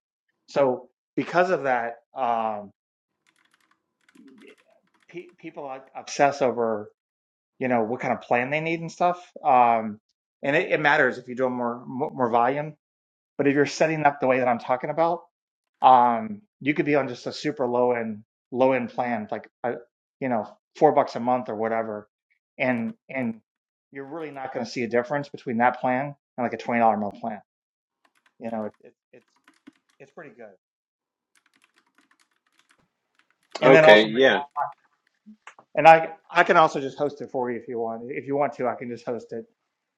[SPEAKER 1] So because of that, um, pe- people like obsess over you know what kind of plan they need and stuff. Um, and it, it matters if you do more more more volume, but if you're setting up the way that I'm talking about, um, you could be on just a super low end low end plan, like uh you know four bucks a month or whatever, and and you're really not going to see a difference between that plan and like a twenty dollar month plan. You know, it, it, it's it's pretty good. And then
[SPEAKER 5] Okay, yeah.
[SPEAKER 1] I can also, if you want to, I can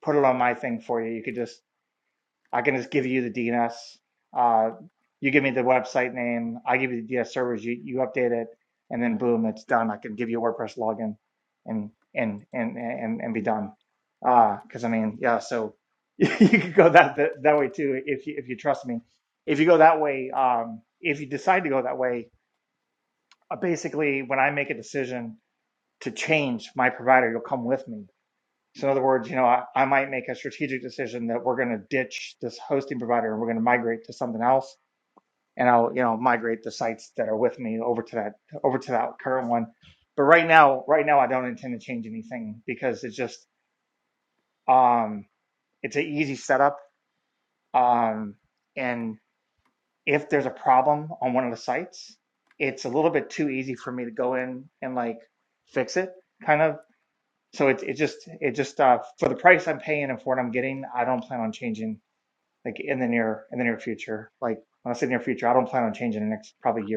[SPEAKER 1] put it on my thing for you. You can I can just give you the DNS. Uh, you give me the website name. I give you the DNS update it, and then boom, it's done. I can give you a WordPress login and and and and be done. Uh, because I mean, yeah, so you could go that, that that way too. If you go that way, um, decide to go that way. Uh, basically, when I make the change, my provider will come. So in other words, you know, I, I might make that we're going to the provider and we're going to migrate something else, and I'll you know migrate that are with me over to over to that current one. But right now, right now, I don't intend um the easy setup um and if there's a problem on one of the it's a little bit to go in kind of. So it's just uh, for the price I'm paying and for what I'm getting, I don't plan on changing in the near, I say near future. I don't plan on changing probably years.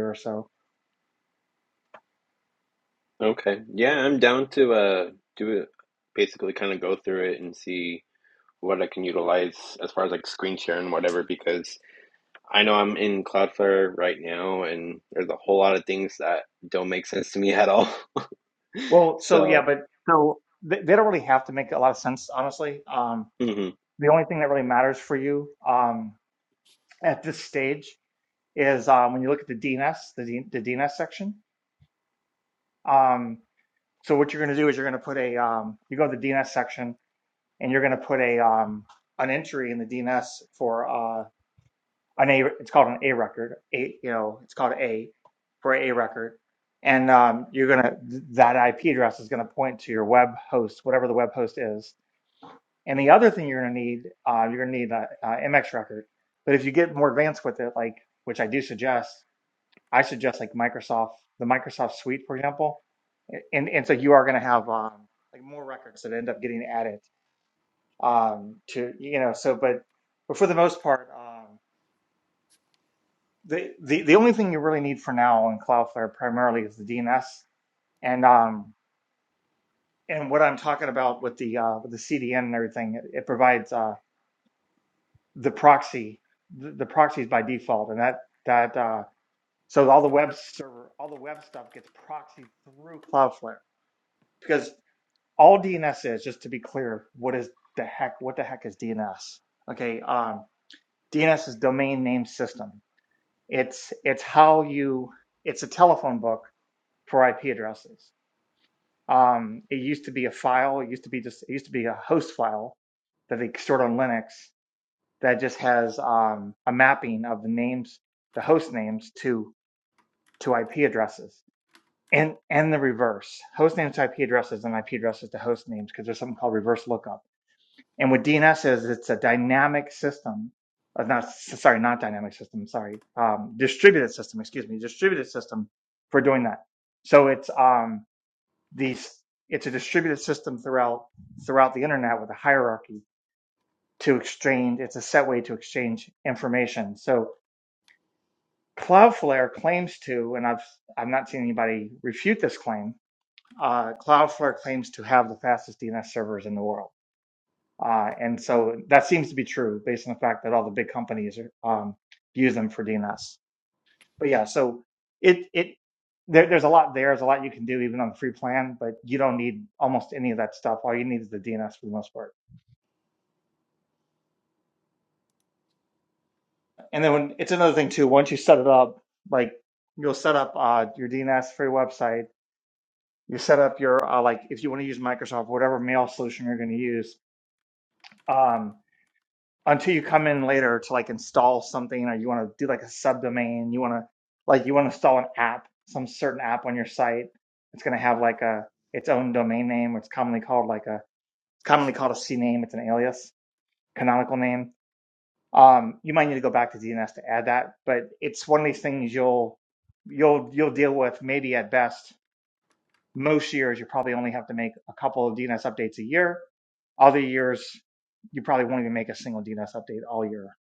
[SPEAKER 5] Okay. Yeah, I'm down to uh do it basically kind of go through it and see what I can utilize as far as like screen share and whatever because I know I'm in Cloudflare right now, and there's a whole lot of things that don't make sense to me at all. So,
[SPEAKER 1] They don't really have to make a lot of sense, honestly. Um,
[SPEAKER 5] hmm
[SPEAKER 1] the thing that really matters for you um, at this stage is um, when you look at the DNS, the, D, the DNS. sec- Um, so what you're going to do is you're going to put a, um, you go to the DNS and you're going to put a um, an entry in the DNS for uh, an A. It's called an A record. You know, it's called A for a record, and um, you're gonna that IP address to your web, whatever the web host. And the other thing you're going to uh, you're going to need uh, MX. But if you get more advanced Microsoft, the Microsoft, and, and so you are going to have to end up getting, um, you know. So but for the most, the, the only thing you really need for now in Cloudflare primarily is the DNS. And um, and what I'm talking about with the uh, CDN and everything, it provides uh, the proxy, the proxy, and that that uh, so all the webs, Cloudflare, all DNS is clear. What is the um, DNS is domain names. It's how you the telephone for IP um, the file used to be a host file that they stored on Linux that just has um, a mapping of the names, the host names to to IP addresses, and and the reverse host names to IP addresses and IP addresses to host names because there's something called reverse lookup. And what DNS is, it's a dynamic system. uh, Not sorry, not dynamic system. Sorry, um, distributed system. Excuse me, distributed system for doing that. So it's um, these it's a distributed system throughout throughout the internet with a hierarchy to exchange it's a set way to exchange information so cloudflare claims to and i've i've not seen anybody refute this claim uh, cloudflare claims to have the fastest dns servers in the world uh, and so that seems to be true based on the fact that all the big companies are, um, use them for dns but yeah, so it it there, there's a lot there. There's a lot you can do even on the free plan, but you don't need almost any of that stuff. All you need is the DNS for the most part. And then when, it's another thing too. Once you set it up, like you'll set up uh, your DNS for your website. You set up your uh, like if you want to use Microsoft, whatever mail solution you're going to use. Um, until you come in later to like install something or you want to do like a subdomain you want to like you want to install an app some certain app on your site it's going to have like a its own domain name it's commonly called like a it's commonly called a cname it's an alias canonical name um you might need to go back to dns to add that but it's one of these things you'll you'll you'll deal with maybe at best most years you probably only have to make a couple of dns updates a year other years you probably won't even make a single dns update all year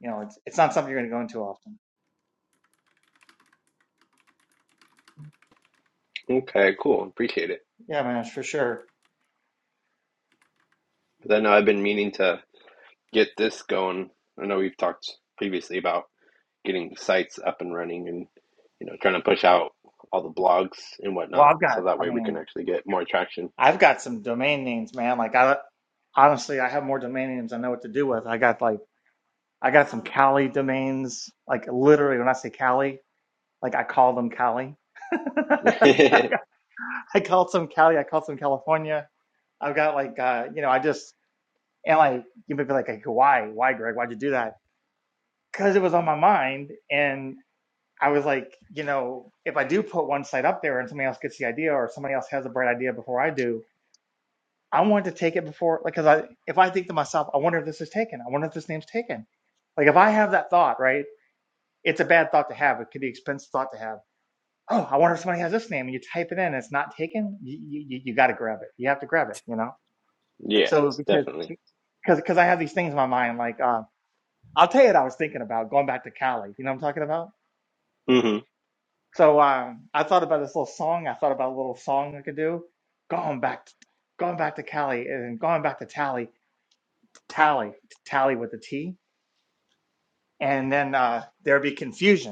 [SPEAKER 1] you know, it's it's not something you're going to go into often.
[SPEAKER 5] okay, cool. Appreciate it.
[SPEAKER 1] Sure,
[SPEAKER 5] Because I know I've been meaning to get this going. I know we've talked previously about getting sites up and running and, you know, trying to push out all the blogs and whatnot. So that way we can actually get more traction.
[SPEAKER 1] domain names, man. Like I honestly, I have more domain names to do with. I got like I got some Cali, like literally when I say Cali, like I call them.
[SPEAKER 5] Yeah,
[SPEAKER 1] I called some Cali. I, I've got like uh, you know, I just and like you might be like, like why do that? Because it was on my mind, and I was like, site up idea or something was a bright idea before I did. I wanted to take it before like because I I wonder if this, I wonder if this, like if I have that thought right, it's a bad thought. Oh, I wonder if somebody typed it in. It's, you got to grab to grab it.
[SPEAKER 5] definitely.
[SPEAKER 1] because because I have these things in my mind. Like um, I'll tell you, that I was thinking of Cali.
[SPEAKER 5] hmm
[SPEAKER 1] So um, I thought about this little song, uh, song going back to Cali and going back to Tally, to Tally with it, and then confusion,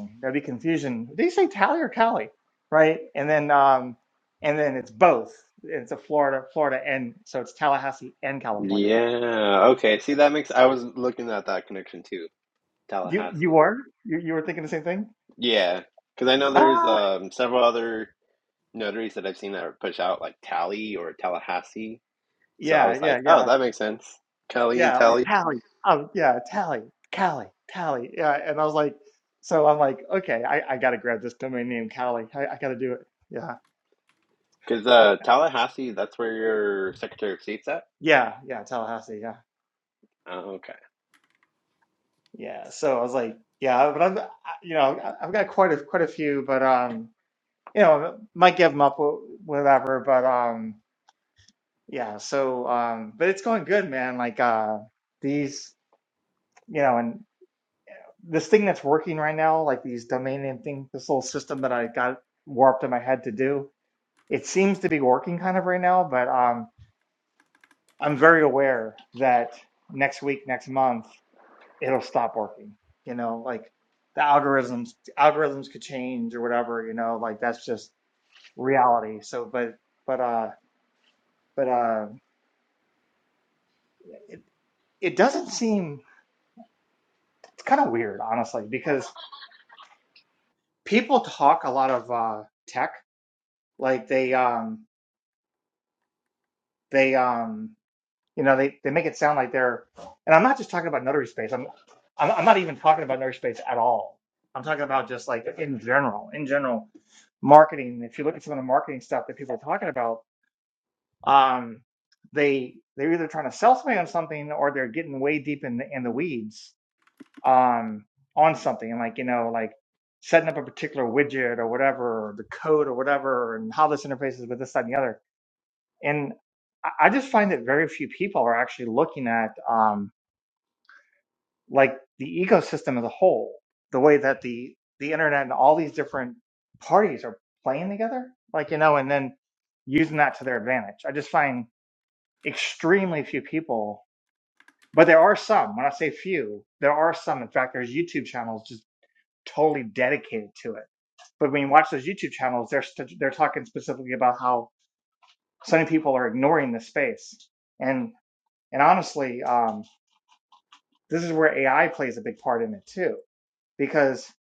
[SPEAKER 1] Tally or Cali, right? And then um, and then it's both Florida, Florida, and Tallahassee.
[SPEAKER 5] Yeah. Okay. See, that makes, I was looking at that connection too. Tallahassee.
[SPEAKER 1] You were thinking the same thing?
[SPEAKER 5] Yeah, because I know there's um, several other notaries that I've seen that are push out like Tally or Tallahassee. So I
[SPEAKER 1] Yeah,
[SPEAKER 5] was like, oh, that makes sense. Kelly and Tally.
[SPEAKER 1] yeah, Tally, Cali, Tally, yeah. And I was like, so I'm like, okay, I, I gotta, go. I, I gotta do it. Yeah,
[SPEAKER 5] Because uh, Tallahassee, that's where your Secretary of State's at?
[SPEAKER 1] Tallahassee.
[SPEAKER 5] Oh, okay.
[SPEAKER 1] Yeah, so I was like, yeah, but I've, you know, I- have got quite a quite a few, but um, might give them up, whatever. But um, yeah, so um, but it's going good, man. Like uh, these, you know, and this thing that's working right now, like these domain name, this little system that I got warped in my head to do, it seems to be working kind of right now. But um, I'm very aware the algorithms, algorithm, it doesn't seem, it's kind of weird. People talk a lot of uh tech, like they um, they um. You know, they, they make it sound like they're, and I'm not just talking about notary space. I'm, I'm I'm not even talking about notary space at all. I'm talking about just like in general, in general marketing. If you look at some of the marketing stuff that people are talking about, um, they they're either trying to sell somebody on something or they're getting way deep in the, in the weeds um, on something. And like you know, like setting up a particular widget or whatever, or the code or whatever, and how this interfaces with this, that, and the other and I just find that very few people are actually looking at um, like the ecosystem as a whole, the way that the the internet and all these different parties are playing together, like you know, and then using that to their advantage. I just find extremely few people, but there are some. When I say few, there are some. In fact, there's YouTube channels just totally dedicated to it. But when you watch those YouTube channels, they're st- they're talking specifically about how so many people are ignoring the space, and And honestly, um, this is where AI plays a big part in it too, because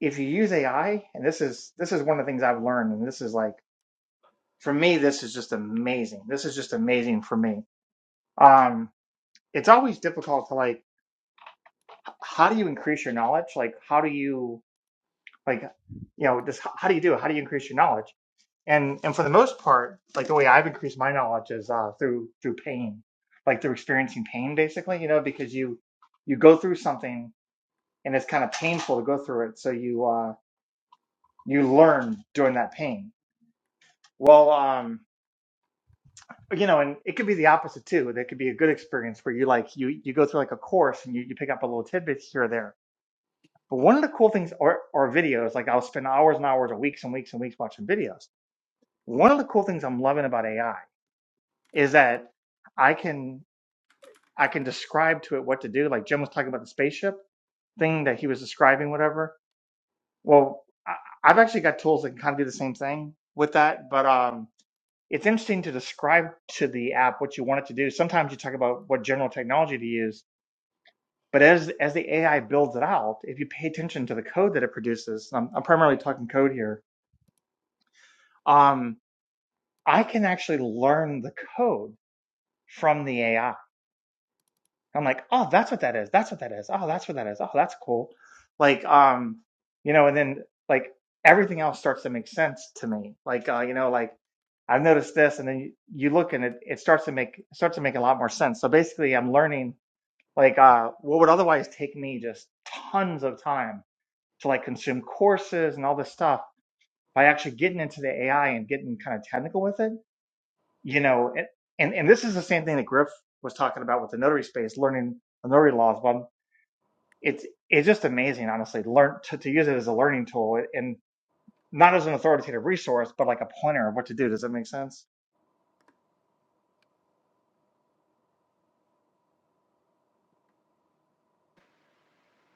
[SPEAKER 1] if you use AI, and this is this is one of the things I've learned, and this is like for me, this is just amazing. This is just amazing for me. Um, it's always difficult to like, how do you increase your knowledge? Like, how do you like, you know, just h- how do you do it? How do you increase your knowledge? And and for the most part, like the way I've increased my knowledge is uh, through through pain, like through experiencing pain, basically. You know, because you you go through something and it's kind of painful to go through it. So you uh, you learn during that pain. Well, um, you know, and it could be the opposite too. That could be a good experience where you like you you go through like a course and you, you pick up a little tidbits here or there. But one of the cool things are, are videos. Like I'll spend hours and hours or weeks and weeks and weeks watching videos. One of the cool things I'm loving about AI is that I can I can describe to it what to do. Like Jim was talking about the spaceship thing that he was describing, whatever Well, I, I've actually got tools that can kind of do the same thing with that, but um, it's interesting to describe to the app what you want it to do. Sometimes you talk about what general technology to use, but as as the AI builds it out, if you pay attention to the code that it produces, and I'm, I'm primarily talking code here. Um, I can actually learn the code from the AI. I'm like, oh, that's what that is. That's what that is. Oh, that's what that is. Oh, that's cool. Like, um, you know, and then like everything else starts to make sense to me. Like, uh, you know, like I've noticed this, and then you, you look and it, it starts to make it starts to make a lot more sense. So basically, I'm learning like uh, what would otherwise take me just tons of time to like consume courses and all this stuff by actually getting into the AI and getting kind of technical with it. You know, and and, and this is the same thing that Griff was talking about with the notary space, learning the notary laws. but it's it's just amazing, honestly. to Learn to, to use it as a learning tool and not as an authoritative resource, but like a pointer of what to do. Does that make sense?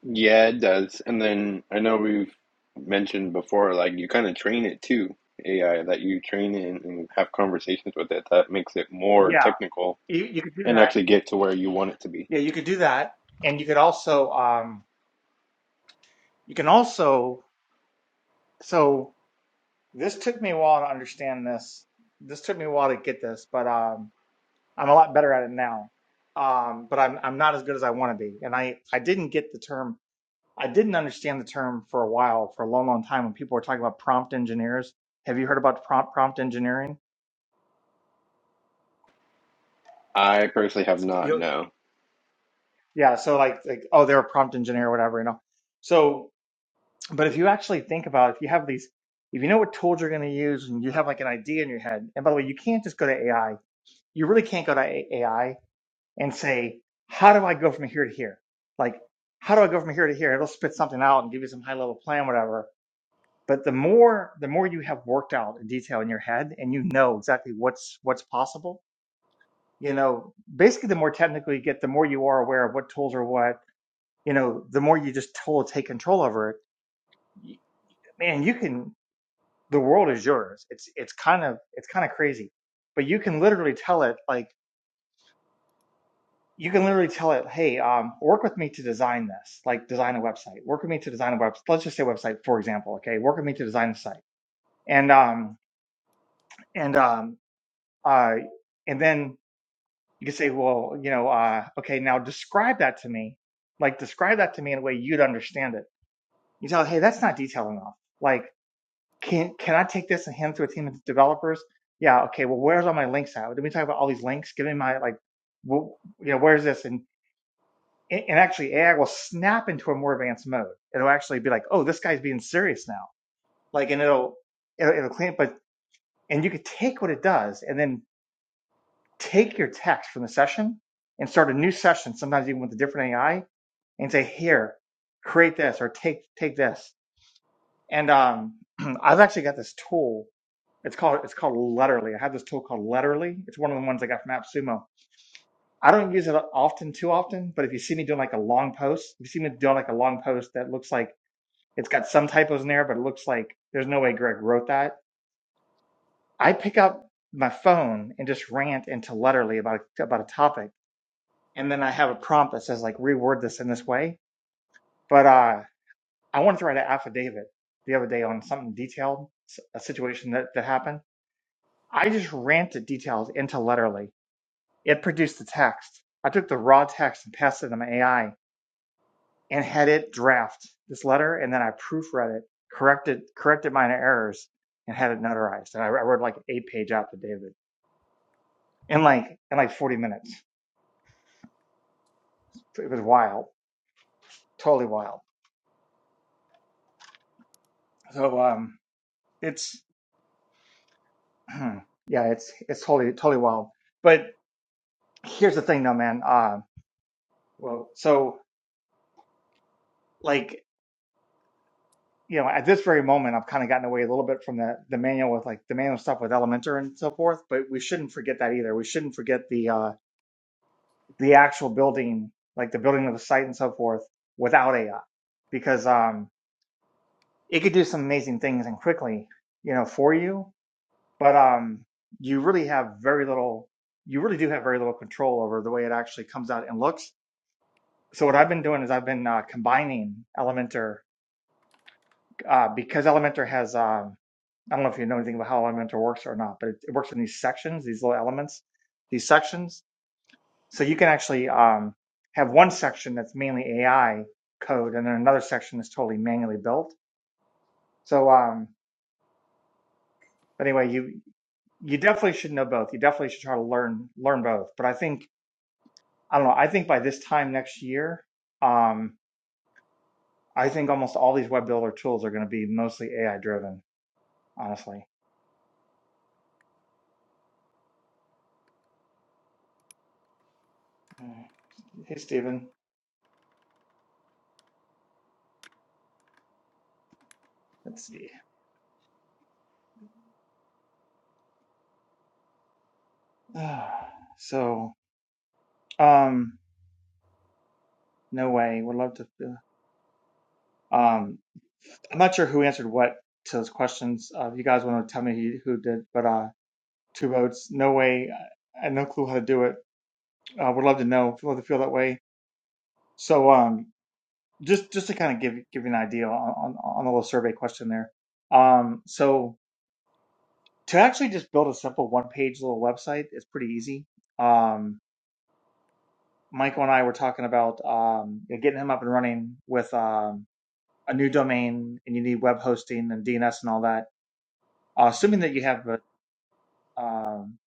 [SPEAKER 5] Yeah, it does. And then I know we've mentioned before, like, you kind of train it too, AI, that you train it and have conversations with it. That makes it more technical and actually get to where you want it to be.
[SPEAKER 1] So um, you can also so it took me a while to understand me a while to, but uh, I'm a lot better at it. Um, I didn't get the term. I didn't understand the term for a while, for a long, long time, when people were talking about prompt engineers. Have you heard about prompt prompt engineering?
[SPEAKER 5] I personally have not, no.
[SPEAKER 1] Yeah, so like like oh they're a prompt engineer or whatever, you know. So but if you actually think about it, if you have these if you know what tools you're going to use and you have like an idea in your head. And by the way, you can't just go to AI. You really can't go to A- AI and say, "How do I go from here to here?" Like, "How do I go from here to here?" It'll spit something out and give you some high-level plan whatever. But the more the more you have worked out in detail in your head and you know exactly what's what's possible, you know, basically the more technical you get, the more you are aware of what tools are what you know, the more you just totally take control over it, man, you can. The world is yours. It's it's kind of it's kind of crazy, but you can literally tell it like you can literally tell it, hey, um, work with me to design this, like design a website. Work with me to design a website. Let's just say website for example, okay? Work with me to design a site, and um and um uh and then you can say, well, you know, uh, okay, now describe that to me, like describe that to me in a way you'd understand it. You tell, it, hey, that's not detailed enough. Like can can I take this and hand it to a team of developers? Yeah, okay. Well, where's all my links at? Did we talk about all these links? Give me my like, well, you know, where's this? And and actually, AI will snap into a more advanced mode. It'll actually be like, oh, this guy's being serious now. Like, and it'll it'll, it'll clean it. But and you could take what it does and then take your text from the session and start a new session. Sometimes even with a different AI and say, here, create this or take take this. And um, I've actually got this tool It's called it's called Letterly. I have this tool called Letterly. It's one of the ones I got from AppSumo. I don't use it often, too often, but if you see me doing like a long post, if you see me doing like a long post that looks like it's got some typos in there, but it looks like there's no way Greg wrote that. I pick up my phone and just rant into Letterly about about a topic, and then I have a prompt that says like reword this in this way. But uh, I wanted to write an affidavit the other day on something detailed, a situation that that happened. I just ranted details into Letterly It produced the text. I took the raw text and passed it to my AI and had it draft this letter, and then I proofread it, corrected corrected minor errors, and had it notarized. And I, I wrote like an eight page affidavit in like in like forty minutes. It was wild, totally wild. So um, it's hmm, yeah, it's it's totally totally wild. But here's the thing, though, man. Uh, well, so like you know, at this very moment, I've kind of gotten away a little bit from the, the manual with like the manual stuff with Elementor and so forth, but we shouldn't forget that either. We shouldn't forget the, uh, the actual building, like the building of the site and so forth without AI because, um, it could do some amazing things and quickly, you know, for you, but, um, you really have very little, you really do have very little control over the way it actually comes out and looks. So what I've been doing is I've been, uh, combining Elementor, uh, because Elementor has, um, I don't know if you know anything about how Elementor works or not, but it, it works in these sections, these little elements, these sections. So you can actually um, have one section that's mainly AI code, and then another section that's totally manually built. So um, but anyway, you you definitely should know both. You definitely should try to learn learn both. But I think I don't know. I think by this time next year, um, I think almost all these web builder tools are going to be mostly AI driven. Honestly. Mm. Hey, Stephen. Let's see. Uh, so. Um, No way. Would love to. uh, Um, I'm not sure who answered what to those questions. Uh, if you guys want to tell me who did, but uh, two votes. No way. I, have no clue how to do it. Uh, would love to know. Would love to feel that way. So um, just just to kind of give give you an idea on on, on the little survey question there. Um, so to actually just build a simple one page little website, it's pretty easy. Um, Michael and I were talking about um, you know, getting him up and running with um, a new domain, and you need web hosting and DNS and all that uh, assuming that you have a, um,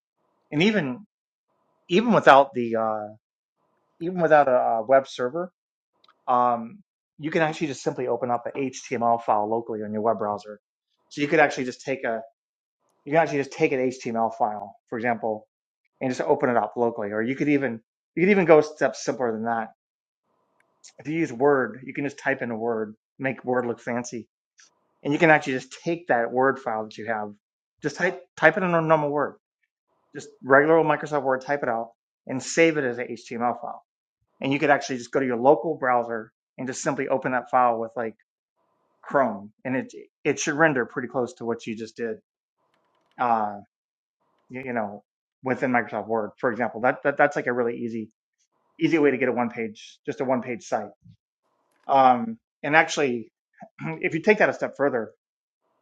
[SPEAKER 1] and even even without the uh, even without a, uh web server, um, you can actually just simply open up a HTML file locally on your web browser. So you could actually just take a you can actually just take an HTML file, for example, and just open it up locally. Or you could even you could even go steps simpler than that. If you use Word, you can just type in a word, make Word look fancy, and you can actually just take that Word file that you have, just type type it in a normal Word just regular old Microsoft Word, type it out, and save it as an HTML file. And you could actually just go to your local browser and just simply open that file with like Chrome, and it it should render pretty close to what you just did. Uh, you, you know, within Microsoft Word, for example, that, that that's like a really easy easy way to get a one page just a one page site. Um, and actually, if you take that a step further,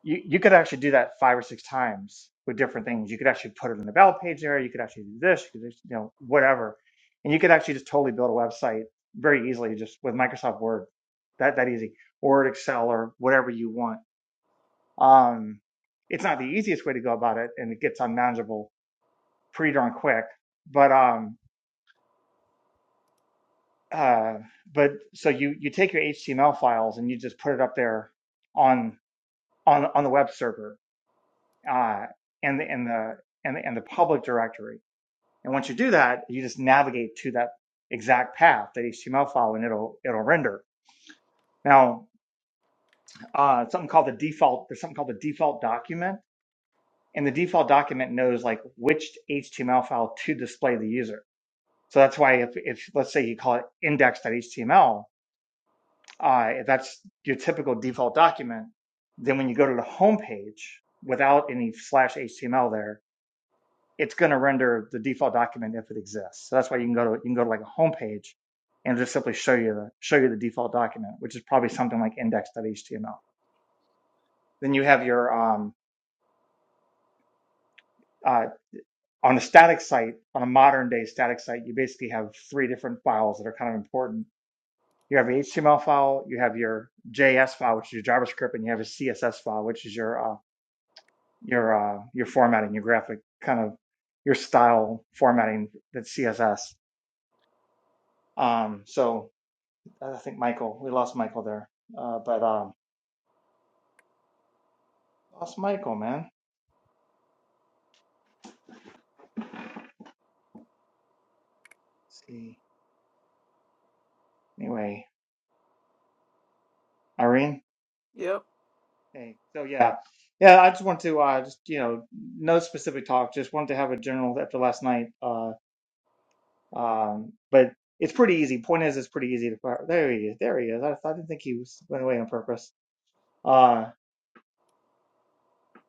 [SPEAKER 1] you, you could actually do that five or six times with different things. You could actually put it in the about page area. You could actually do this, you could, you know, whatever. And you could actually just totally build a website very easily just with Microsoft Word. That, that easy or Excel or whatever you want. Um, it's not the easiest way to go about it and it gets unmanageable pretty darn quick. But, um, uh, but so you, you take your HTML files and you just put it up there on, on, on the web server uh, and the and the and the, and the public directory. And once you do that, you just navigate to that exact path, that HTML file, and it'll it'll render. Now, uh, something called the default. There's something called the default document, and the default document knows like which HTML file to display to the user. So that's why if, if let's say you call it index.html, uh, if that's your typical default document, then when you go to the home page without any slash HTML there, it's going to render the default document if it exists. So that's why you can go to you can go to like a homepage, and it'll just simply show you the show you the default document, which is probably something like index.html. Then you have your um, uh, on a static site, on a modern day static site, you basically have three different files that are kind of important. You have your HTML file, you have your JS file, which is your JavaScript, and you have a CSS file, which is your uh, your uh, your formatting, your graphic kind of your style formatting that's CSS. Um, so I think Michael. We lost Michael there. Uh, but um, lost Michael, man. Let's see. Anyway, Irene.
[SPEAKER 2] Yep.
[SPEAKER 1] Hey. So yeah, yeah. I just want to uh, just you know, no specific talk. Just wanted to have a general after last night. Uh, um, but it's pretty easy. Point is, it's pretty easy to fire. There he is. There he is. I, I didn't think he was went away on purpose. Uh,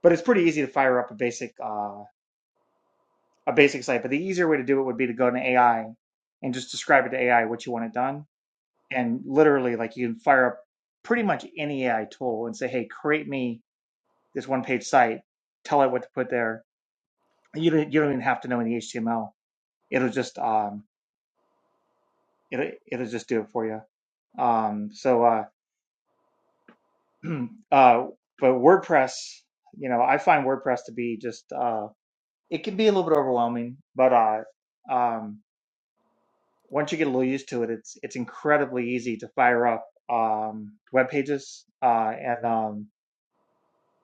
[SPEAKER 1] but it's pretty easy to fire up a basic uh a basic site. But the easier way to do it would be to go to AI and just describe it to AI what you want it done and literally like you can fire up pretty much any AI tool and say, "Hey, create me this one page site. Tell it what to put there." You don't you don't even have to know any HTML. It'll just um it'll it'll just do it for you. Um, so uh, uh, but WordPress, you know, I find WordPress to be just uh, it can be a little bit overwhelming, but uh, um, once you get a little used to it, it's it's incredibly easy to fire up um, web pages uh, and um,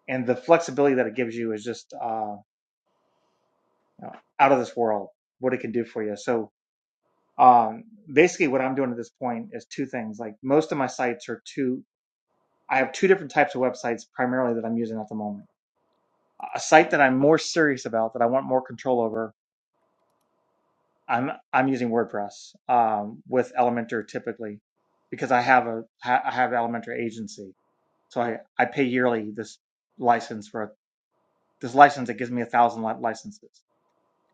[SPEAKER 1] and the flexibility that it gives you is just uh, you know, out of this world. What it can do for you. So um, basically, what I'm doing at this point is two things. Like most of my sites are two. I have two different types of websites primarily that I'm using at the moment. A site that I'm more serious about, that I want more control over. I'm I'm using WordPress um, with Elementor typically because I have a ha- I have Elementor agency, so I I pay yearly this license for a, this license that gives me a thousand licenses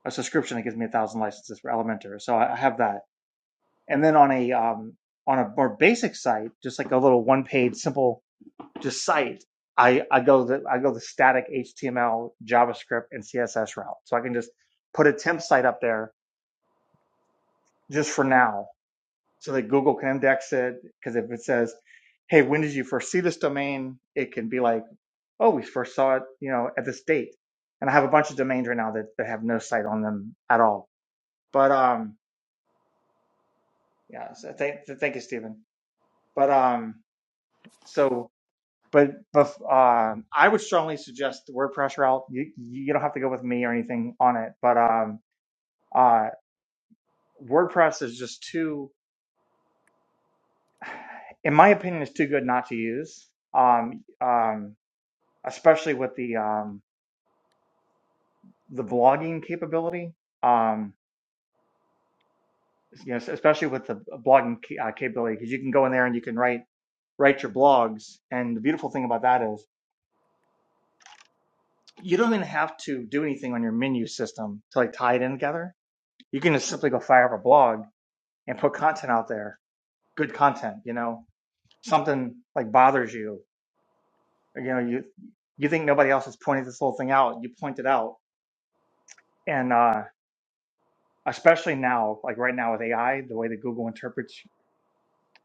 [SPEAKER 1] a subscription that gives me a thousand licenses for Elementor. So I have that. And then on a um, on a more basic site, just like a little one page simple just site, I, I go the I go the static HTML, JavaScript, and CSS route. So I can just put a temp site up there just for now, so that Google can index it. Because if it says, "Hey, when did you first see this domain?" It can be like, "Oh, we first saw it, you know, at this date." And I have a bunch of domains right now that, that have no site on them at all. But um, Yeah. So thank thank you, Stephen. But um, so but but um, I would strongly suggest the WordPress route. You you don't have to go with me or anything on it, but um, uh, WordPress is just too, in my opinion, is too good not to use. Um, um, especially with the um the blogging capability. Um, you know, especially with the blogging ca- uh, capability, because you can go in there and you can write write your blogs. And the beautiful thing about that is you don't even have to do anything on your menu system to like tie it in together. You can just simply go fire up a blog and put content out there, good content, you know, something like bothers you. You know, you you think nobody else has pointed this whole thing out, you point it out. And uh especially now, like right now with AI, the way that Google interprets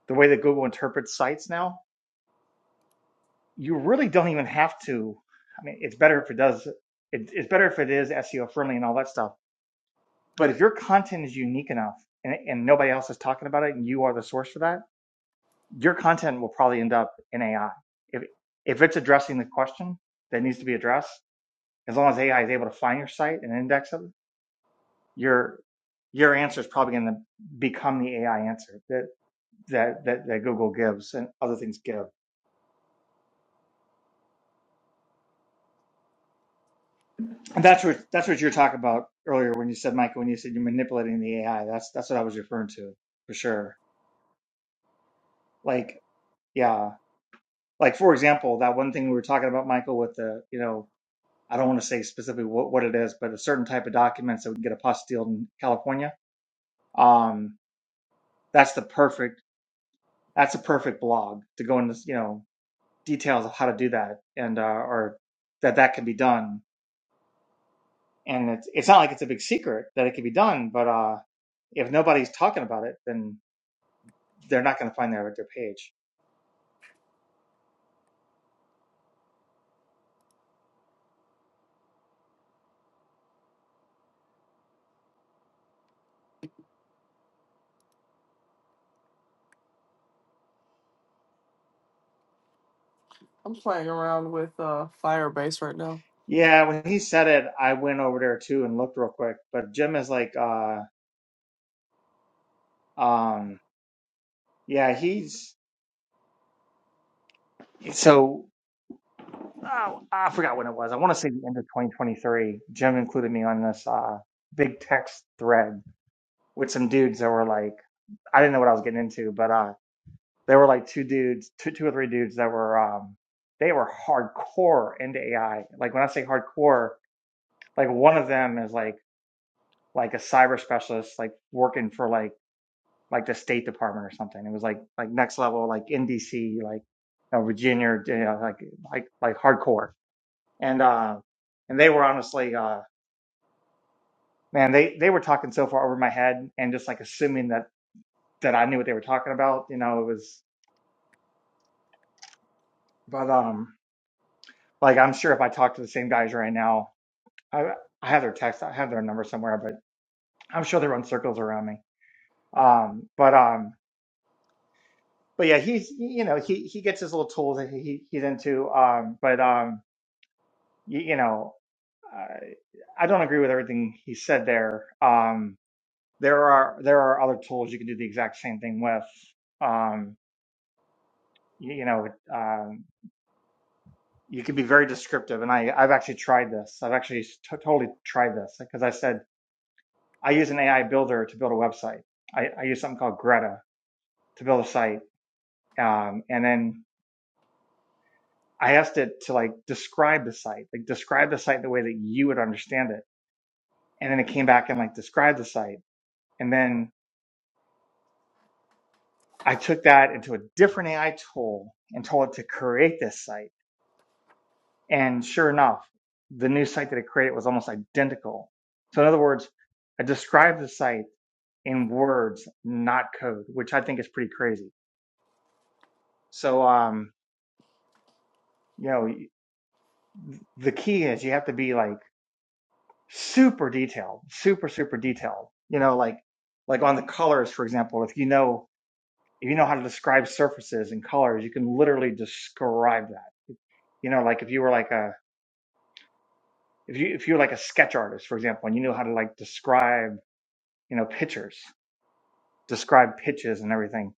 [SPEAKER 1] the way that Google interprets sites now, you really don't even have to I mean, it's better if it does it, it's better if it is SEO friendly and all that stuff But if your content is unique enough and, and nobody else is talking about it and you are the source for that, your content will probably end up in AI. If, if it's addressing the question that needs to be addressed, as long as AI is able to find your site and index it, your, your answer is probably going to become the AI answer that, that, that, that Google gives and other things give. And that's what, that's what you're talking about earlier when you said, Michael, when you said you're manipulating the AI, that's, that's what I was referring to for sure. Like, yeah. Like for example, that one thing we were talking about, Michael, with the you know, I don't want to say specifically what, what it is, but a certain type of documents that we can get apostilled in California. Um, that's the perfect. That's a perfect blog to go into you know details of how to do that and uh, or that that can be done. And it's it's not like it's a big secret that it can be done, but uh, if nobody's talking about it, then they're not going to find their their page.
[SPEAKER 2] I'm playing around with uh Firebase right now.
[SPEAKER 1] Yeah, when he said it, I went over there too and looked real quick. But Jim is like, uh, um, Yeah, he's so oh, I forgot when it was. I want to say the end of 2023. Jim included me on this uh, big text thread with some dudes that were like, I didn't know what I was getting into, but uh, there were like two dudes, two, two or three dudes that were, um, they were hardcore into AI. Like when I say hardcore, like one of them is like like a cyber specialist, like working for like like the State Department or something. It was like like next level, like NDC, like uh, Virginia, you know, like like like hardcore. and uh, and they were honestly, uh, man, they they were talking so far over my head and just like assuming that that I knew what they were talking about. You know, it was, but um, like I'm sure if I talked to the same guys right now, I I have their text, I have their number somewhere, but I'm sure they run circles around me. Um, but um, but yeah, he's you know he he gets his little tools that he he's into. Um, but um, you, you know. I, I don't agree with everything he said there. Um, there are there are other tools you can do the exact same thing with. Um, you, you know, um, you can be very descriptive, and I I've actually tried this. I've actually t- totally tried this because I said I use an AI builder to build a website. I, I use something called Greta to build a site, um, and then I asked it to like describe the site, like describe the site the way that you would understand it, and then it came back and like described the site, and then I took that into a different AI tool and told it to create this site And sure enough, the new site that I created was almost identical. So in other words, I described the site in words, not code, which I think is pretty crazy. So um, you know, the key is you have to be like super detailed, super super detailed. You know, like like on the colors, for example, if you know if you know how to describe surfaces and colors, you can literally describe that. You know, like if you were like a if you if you were like a sketch artist, for example, and you knew how to like describe you know pictures describe pitches and everything.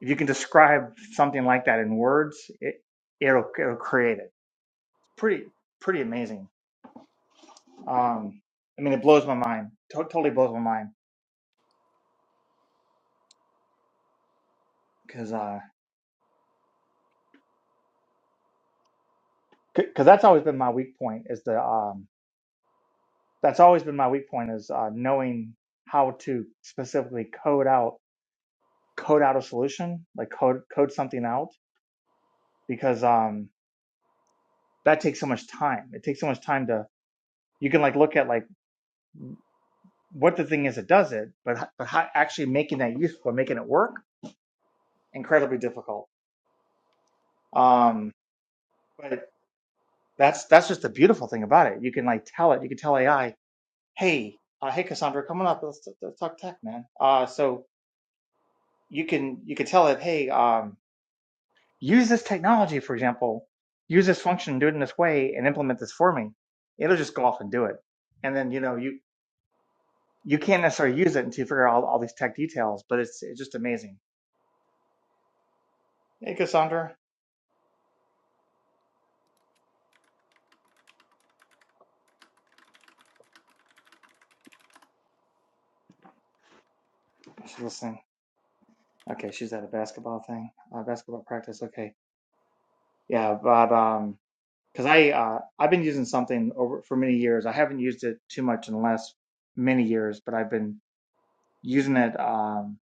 [SPEAKER 1] If you can describe something like that in words, it it'll, it'll create it. It's pretty pretty amazing. Um, I mean, it blows my mind. To- totally blows my mind because because that's always been my weak point is the um, that's always been my weak point is uh, knowing how to specifically code out code out a solution like code code something out because um, that takes so much time. It takes so much time to you can like look at like what the thing is that does it, but but how, actually making that useful, making it work, incredibly difficult. Um, but that's that's just the beautiful thing about it. You can like tell it. You can tell AI, hey, uh, hey, Cassandra, come on up. Let's, let's talk tech, man. Uh, so you can you can tell it, hey, um, use this technology, for example, use this function, do it in this way, and implement this for me. It'll just go off and do it. And then you know you you can't necessarily use it until you figure out all, all these tech details. But it's it's just amazing. Hey, Cassandra, she's listening. Okay, she's at a basketball thing, uh, basketball practice. Okay, yeah, but um, because I uh, I've been using something over for many years. I haven't used it too much in the last many years, but I've been using it. Um,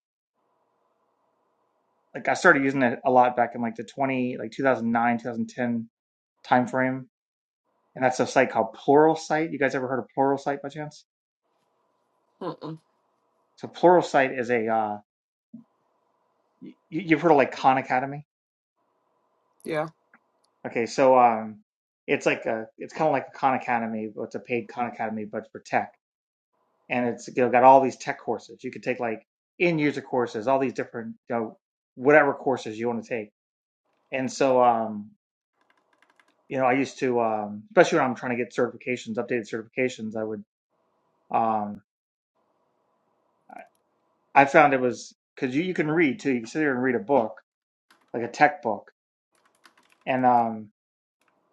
[SPEAKER 1] like I started using it a lot back in like the twenty like two thousand nine two thousand ten time frame, and that's a site called Pluralsight. You guys ever heard of Pluralsight by chance?
[SPEAKER 2] Mm-mm.
[SPEAKER 1] So Pluralsight is a uh, you, you've heard of like Khan Academy.
[SPEAKER 2] Yeah,
[SPEAKER 1] Okay, so um, it's like a it's kind of like a Khan Academy, but it's a paid Khan Academy, but for tech and it's you know, got all these tech courses. You could take like end user courses, all these different you know whatever courses you want to take. And so um, you know, I used to um, especially when I'm trying to get certifications, updated certifications, I would um, I found it was because you you can read too. You can sit there and read a book like a tech book, and um,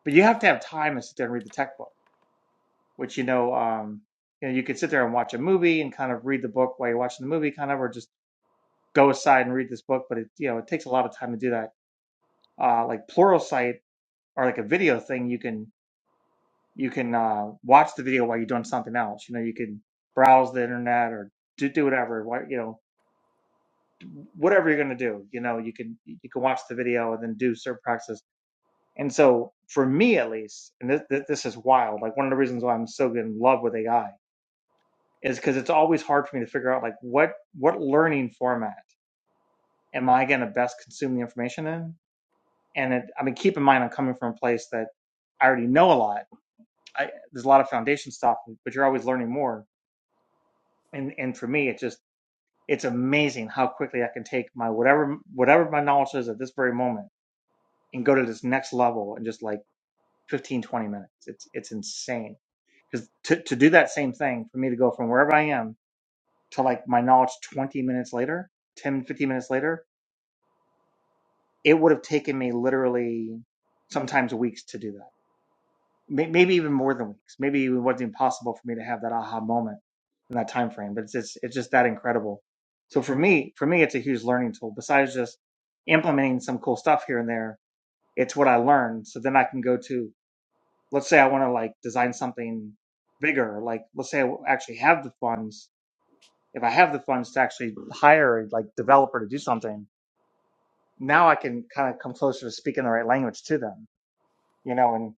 [SPEAKER 1] but you have to have time to sit there and read the tech book, which you know um. You know, you could sit there and watch a movie and kind of read the book while you're watching the movie, kind of, or just go aside and read this book. But it, you know, it takes a lot of time to do that uh, like Pluralsight or like a video thing, you can you can uh, watch the video while you're doing something else. You know, you can browse the internet or do, do whatever. What you know, whatever you're gonna do, you know, you can you can watch the video and then do certain practices. And so, for me at least, and this, this this is wild. Like one of the reasons why I'm so good in love with AI is because it's always hard for me to figure out like what what learning format am I gonna best consume the information in. And it, I mean, keep in mind, I'm coming from a place that I already know a lot I, there's a lot of foundation stuff, but you're always learning more. And and for me, it's just it's amazing how quickly I can take my whatever whatever my knowledge is at this very moment and go to this next level in just like 15 20 minutes. It's it's insane because to to do that same thing for me to go from wherever I am to like my knowledge 20 minutes later, 10 15 minutes later, it would have taken me literally sometimes weeks to do that may, maybe even more than weeks. Maybe it wasn't impossible for me to have that aha moment in that time frame. But it's just, it's just that incredible. So for me, for me, it's a huge learning tool. Besides just implementing some cool stuff here and there, it's what I learned. So then I can go to, let's say I want to like design something bigger. Like let's say I actually have the funds. If I have the funds to actually hire a like developer to do something, now I can kind of come closer to speaking the right language to them, you know. And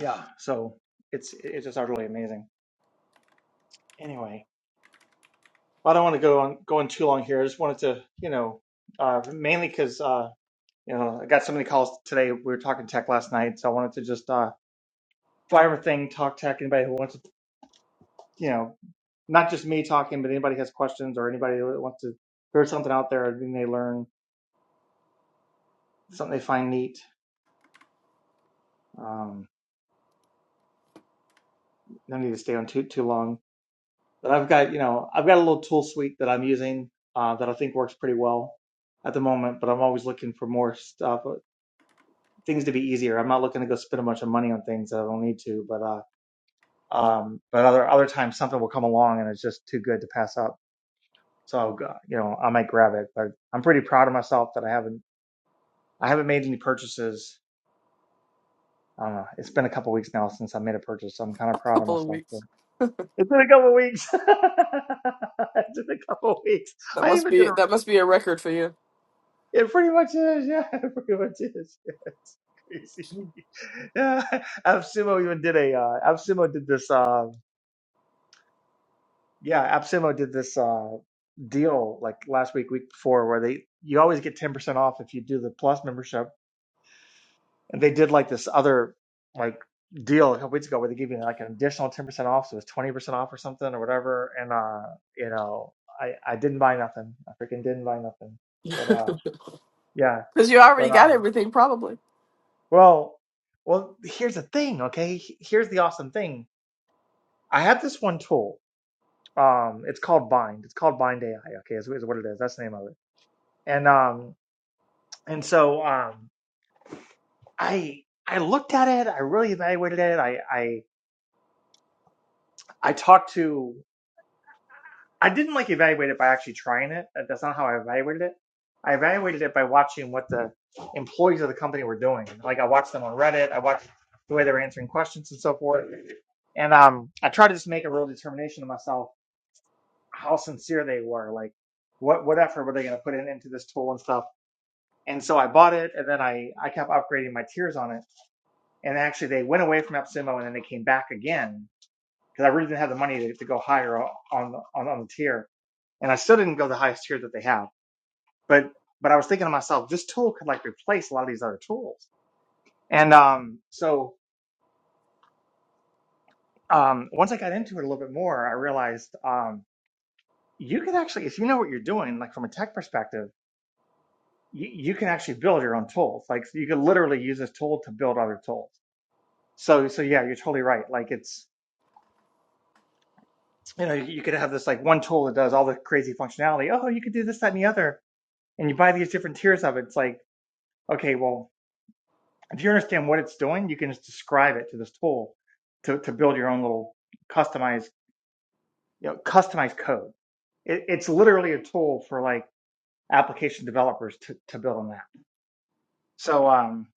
[SPEAKER 1] yeah, so it's it's just utterly amazing. anyway, well, I don't want to go on going too long here. I just wanted to, you know, uh, mainly because uh, you know I got so many calls today. We were talking tech last night, so I wanted to just uh, fly everything, talk tech. Anybody who wants to, you know, not just me talking, but anybody has questions or anybody that wants to hear something out there, then they learn something they find neat. Um, no need to stay on too too long. But I've got, you know, I've got a little tool suite that I'm using uh, that I think works pretty well at the moment. But I'm always looking for more stuff. things to be easier. I'm not looking to go spend a bunch of money on things that I don't need to, but uh, um, but other other times something will come along and it's just too good to pass up. So I'll go- you know I might grab it, but I'm pretty proud of myself that I haven't I haven't made any purchases. I don't know. It's been a couple weeks now since I made a purchase, so I'm kind
[SPEAKER 2] a
[SPEAKER 1] of proud of
[SPEAKER 2] couple of
[SPEAKER 1] myself. For
[SPEAKER 2] weeks.
[SPEAKER 1] It's been a couple weeks. it's been a couple weeks.
[SPEAKER 2] That
[SPEAKER 1] I
[SPEAKER 2] must
[SPEAKER 1] even did
[SPEAKER 2] be
[SPEAKER 1] a.
[SPEAKER 2] that must be a record for you.
[SPEAKER 1] It pretty much is. Yeah, it pretty much is. Yeah, it's crazy. Yeah, Absumo even did a. Uh, Absumo did this. Uh, Yeah, AppSimo did this uh, deal like last week, week before, where they you always get 10% off if you do the Plus membership, and they did like this other like deal a couple weeks ago where they give you like an additional 10% off, so it's 20% off or something or whatever. And uh, you know, I I didn't buy nothing. I freaking didn't buy nothing. But uh, yeah,
[SPEAKER 2] Because you already
[SPEAKER 1] but
[SPEAKER 2] got
[SPEAKER 1] um,
[SPEAKER 2] everything, probably.
[SPEAKER 1] well, well, here's the thing, okay? H- Here's the awesome thing. I have this one tool. Um, it's called Bind. It's called Bind AI. Okay, is, is what it is. That's the name of it And um and so um I I looked at it, I really evaluated it. I I I talked to I didn't like evaluate it by actually trying it. That- That's not how I evaluated it. I evaluated it by watching what the employees of the company were doing. Like I watched them on Reddit, I watched the way they were answering questions and so forth. And um I tried to just make a real determination to myself how sincere they were, like what what effort were they gonna put in into this tool and stuff. And so I bought it and then I I kept upgrading my tiers on it And actually, they went away from Epsimo and then they came back again because I really didn't have the money to, to go higher on, the- on on the tier, and I still didn't go the highest tier that they have. But but I was thinking to myself, this tool could like replace a lot of these other tools. And um, so um, once I got into it a little bit more, I realized um, you can actually, if you know what you're doing, like from a tech perspective, you, you can actually build your own tools. Like you could literally use this tool to build other tools. So so yeah, you're totally right. Like it's you know, you, could have this like one tool that does all the crazy functionality. Oh, you could do this, that, and the other. And you buy these different tiers of it. It's like, okay, well, if you understand what it's doing, you can just describe it to this tool to, to build your own little customized, you know, customized code. It, it's literally a tool for like application developers to, to build on that. So, um,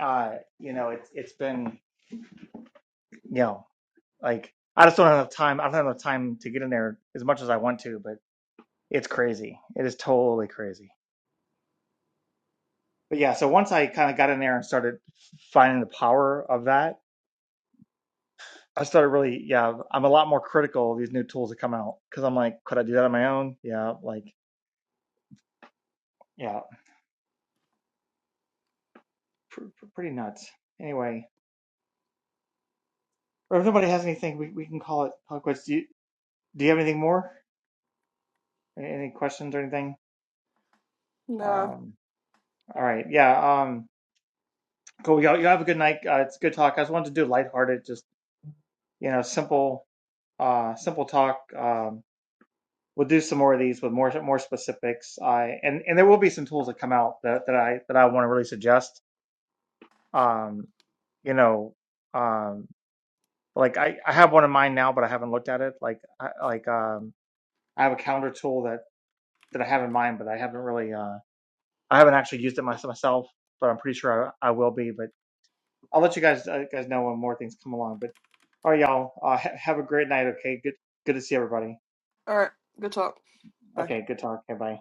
[SPEAKER 1] uh, you know, it's, it's been, you know, like I just don't have enough time. I don't have enough time to get in there as much as I want to, but it's crazy. It is totally crazy. but yeah, so once I kind of got in there and started finding the power of that, I started really, yeah, I'm a lot more critical of these new tools that come out because I'm like, could I do that on my own? Yeah, like, yeah, pr- pr- pretty nuts. Anyway, or if nobody has anything, we, we can call it call it quits. Do you, do you have anything more? Any, any questions or anything?
[SPEAKER 2] Nah.
[SPEAKER 1] Um, all right, yeah, um, cool. Y'all, you have a good night. Uh, it's a good talk. I just wanted to do lighthearted, just you know, simple, uh, simple talk. Um, we'll do some more of these with more more specifics. I and and there will be some tools that come out that that I that I want to really suggest. Um, you know, um, like I I have one in mind now, but I haven't looked at it. Like I, like um, I have a calendar tool that that I have in mind, but I haven't really uh I haven't actually used it mys- myself, but I'm pretty sure I, I will be. But I'll let you guys uh, guys know when more things come along. But all right, y'all, uh, ha- have a great night. Okay, good good to see everybody.
[SPEAKER 2] All right. Good talk. Bye.
[SPEAKER 1] Okay, good talk. Okay, bye.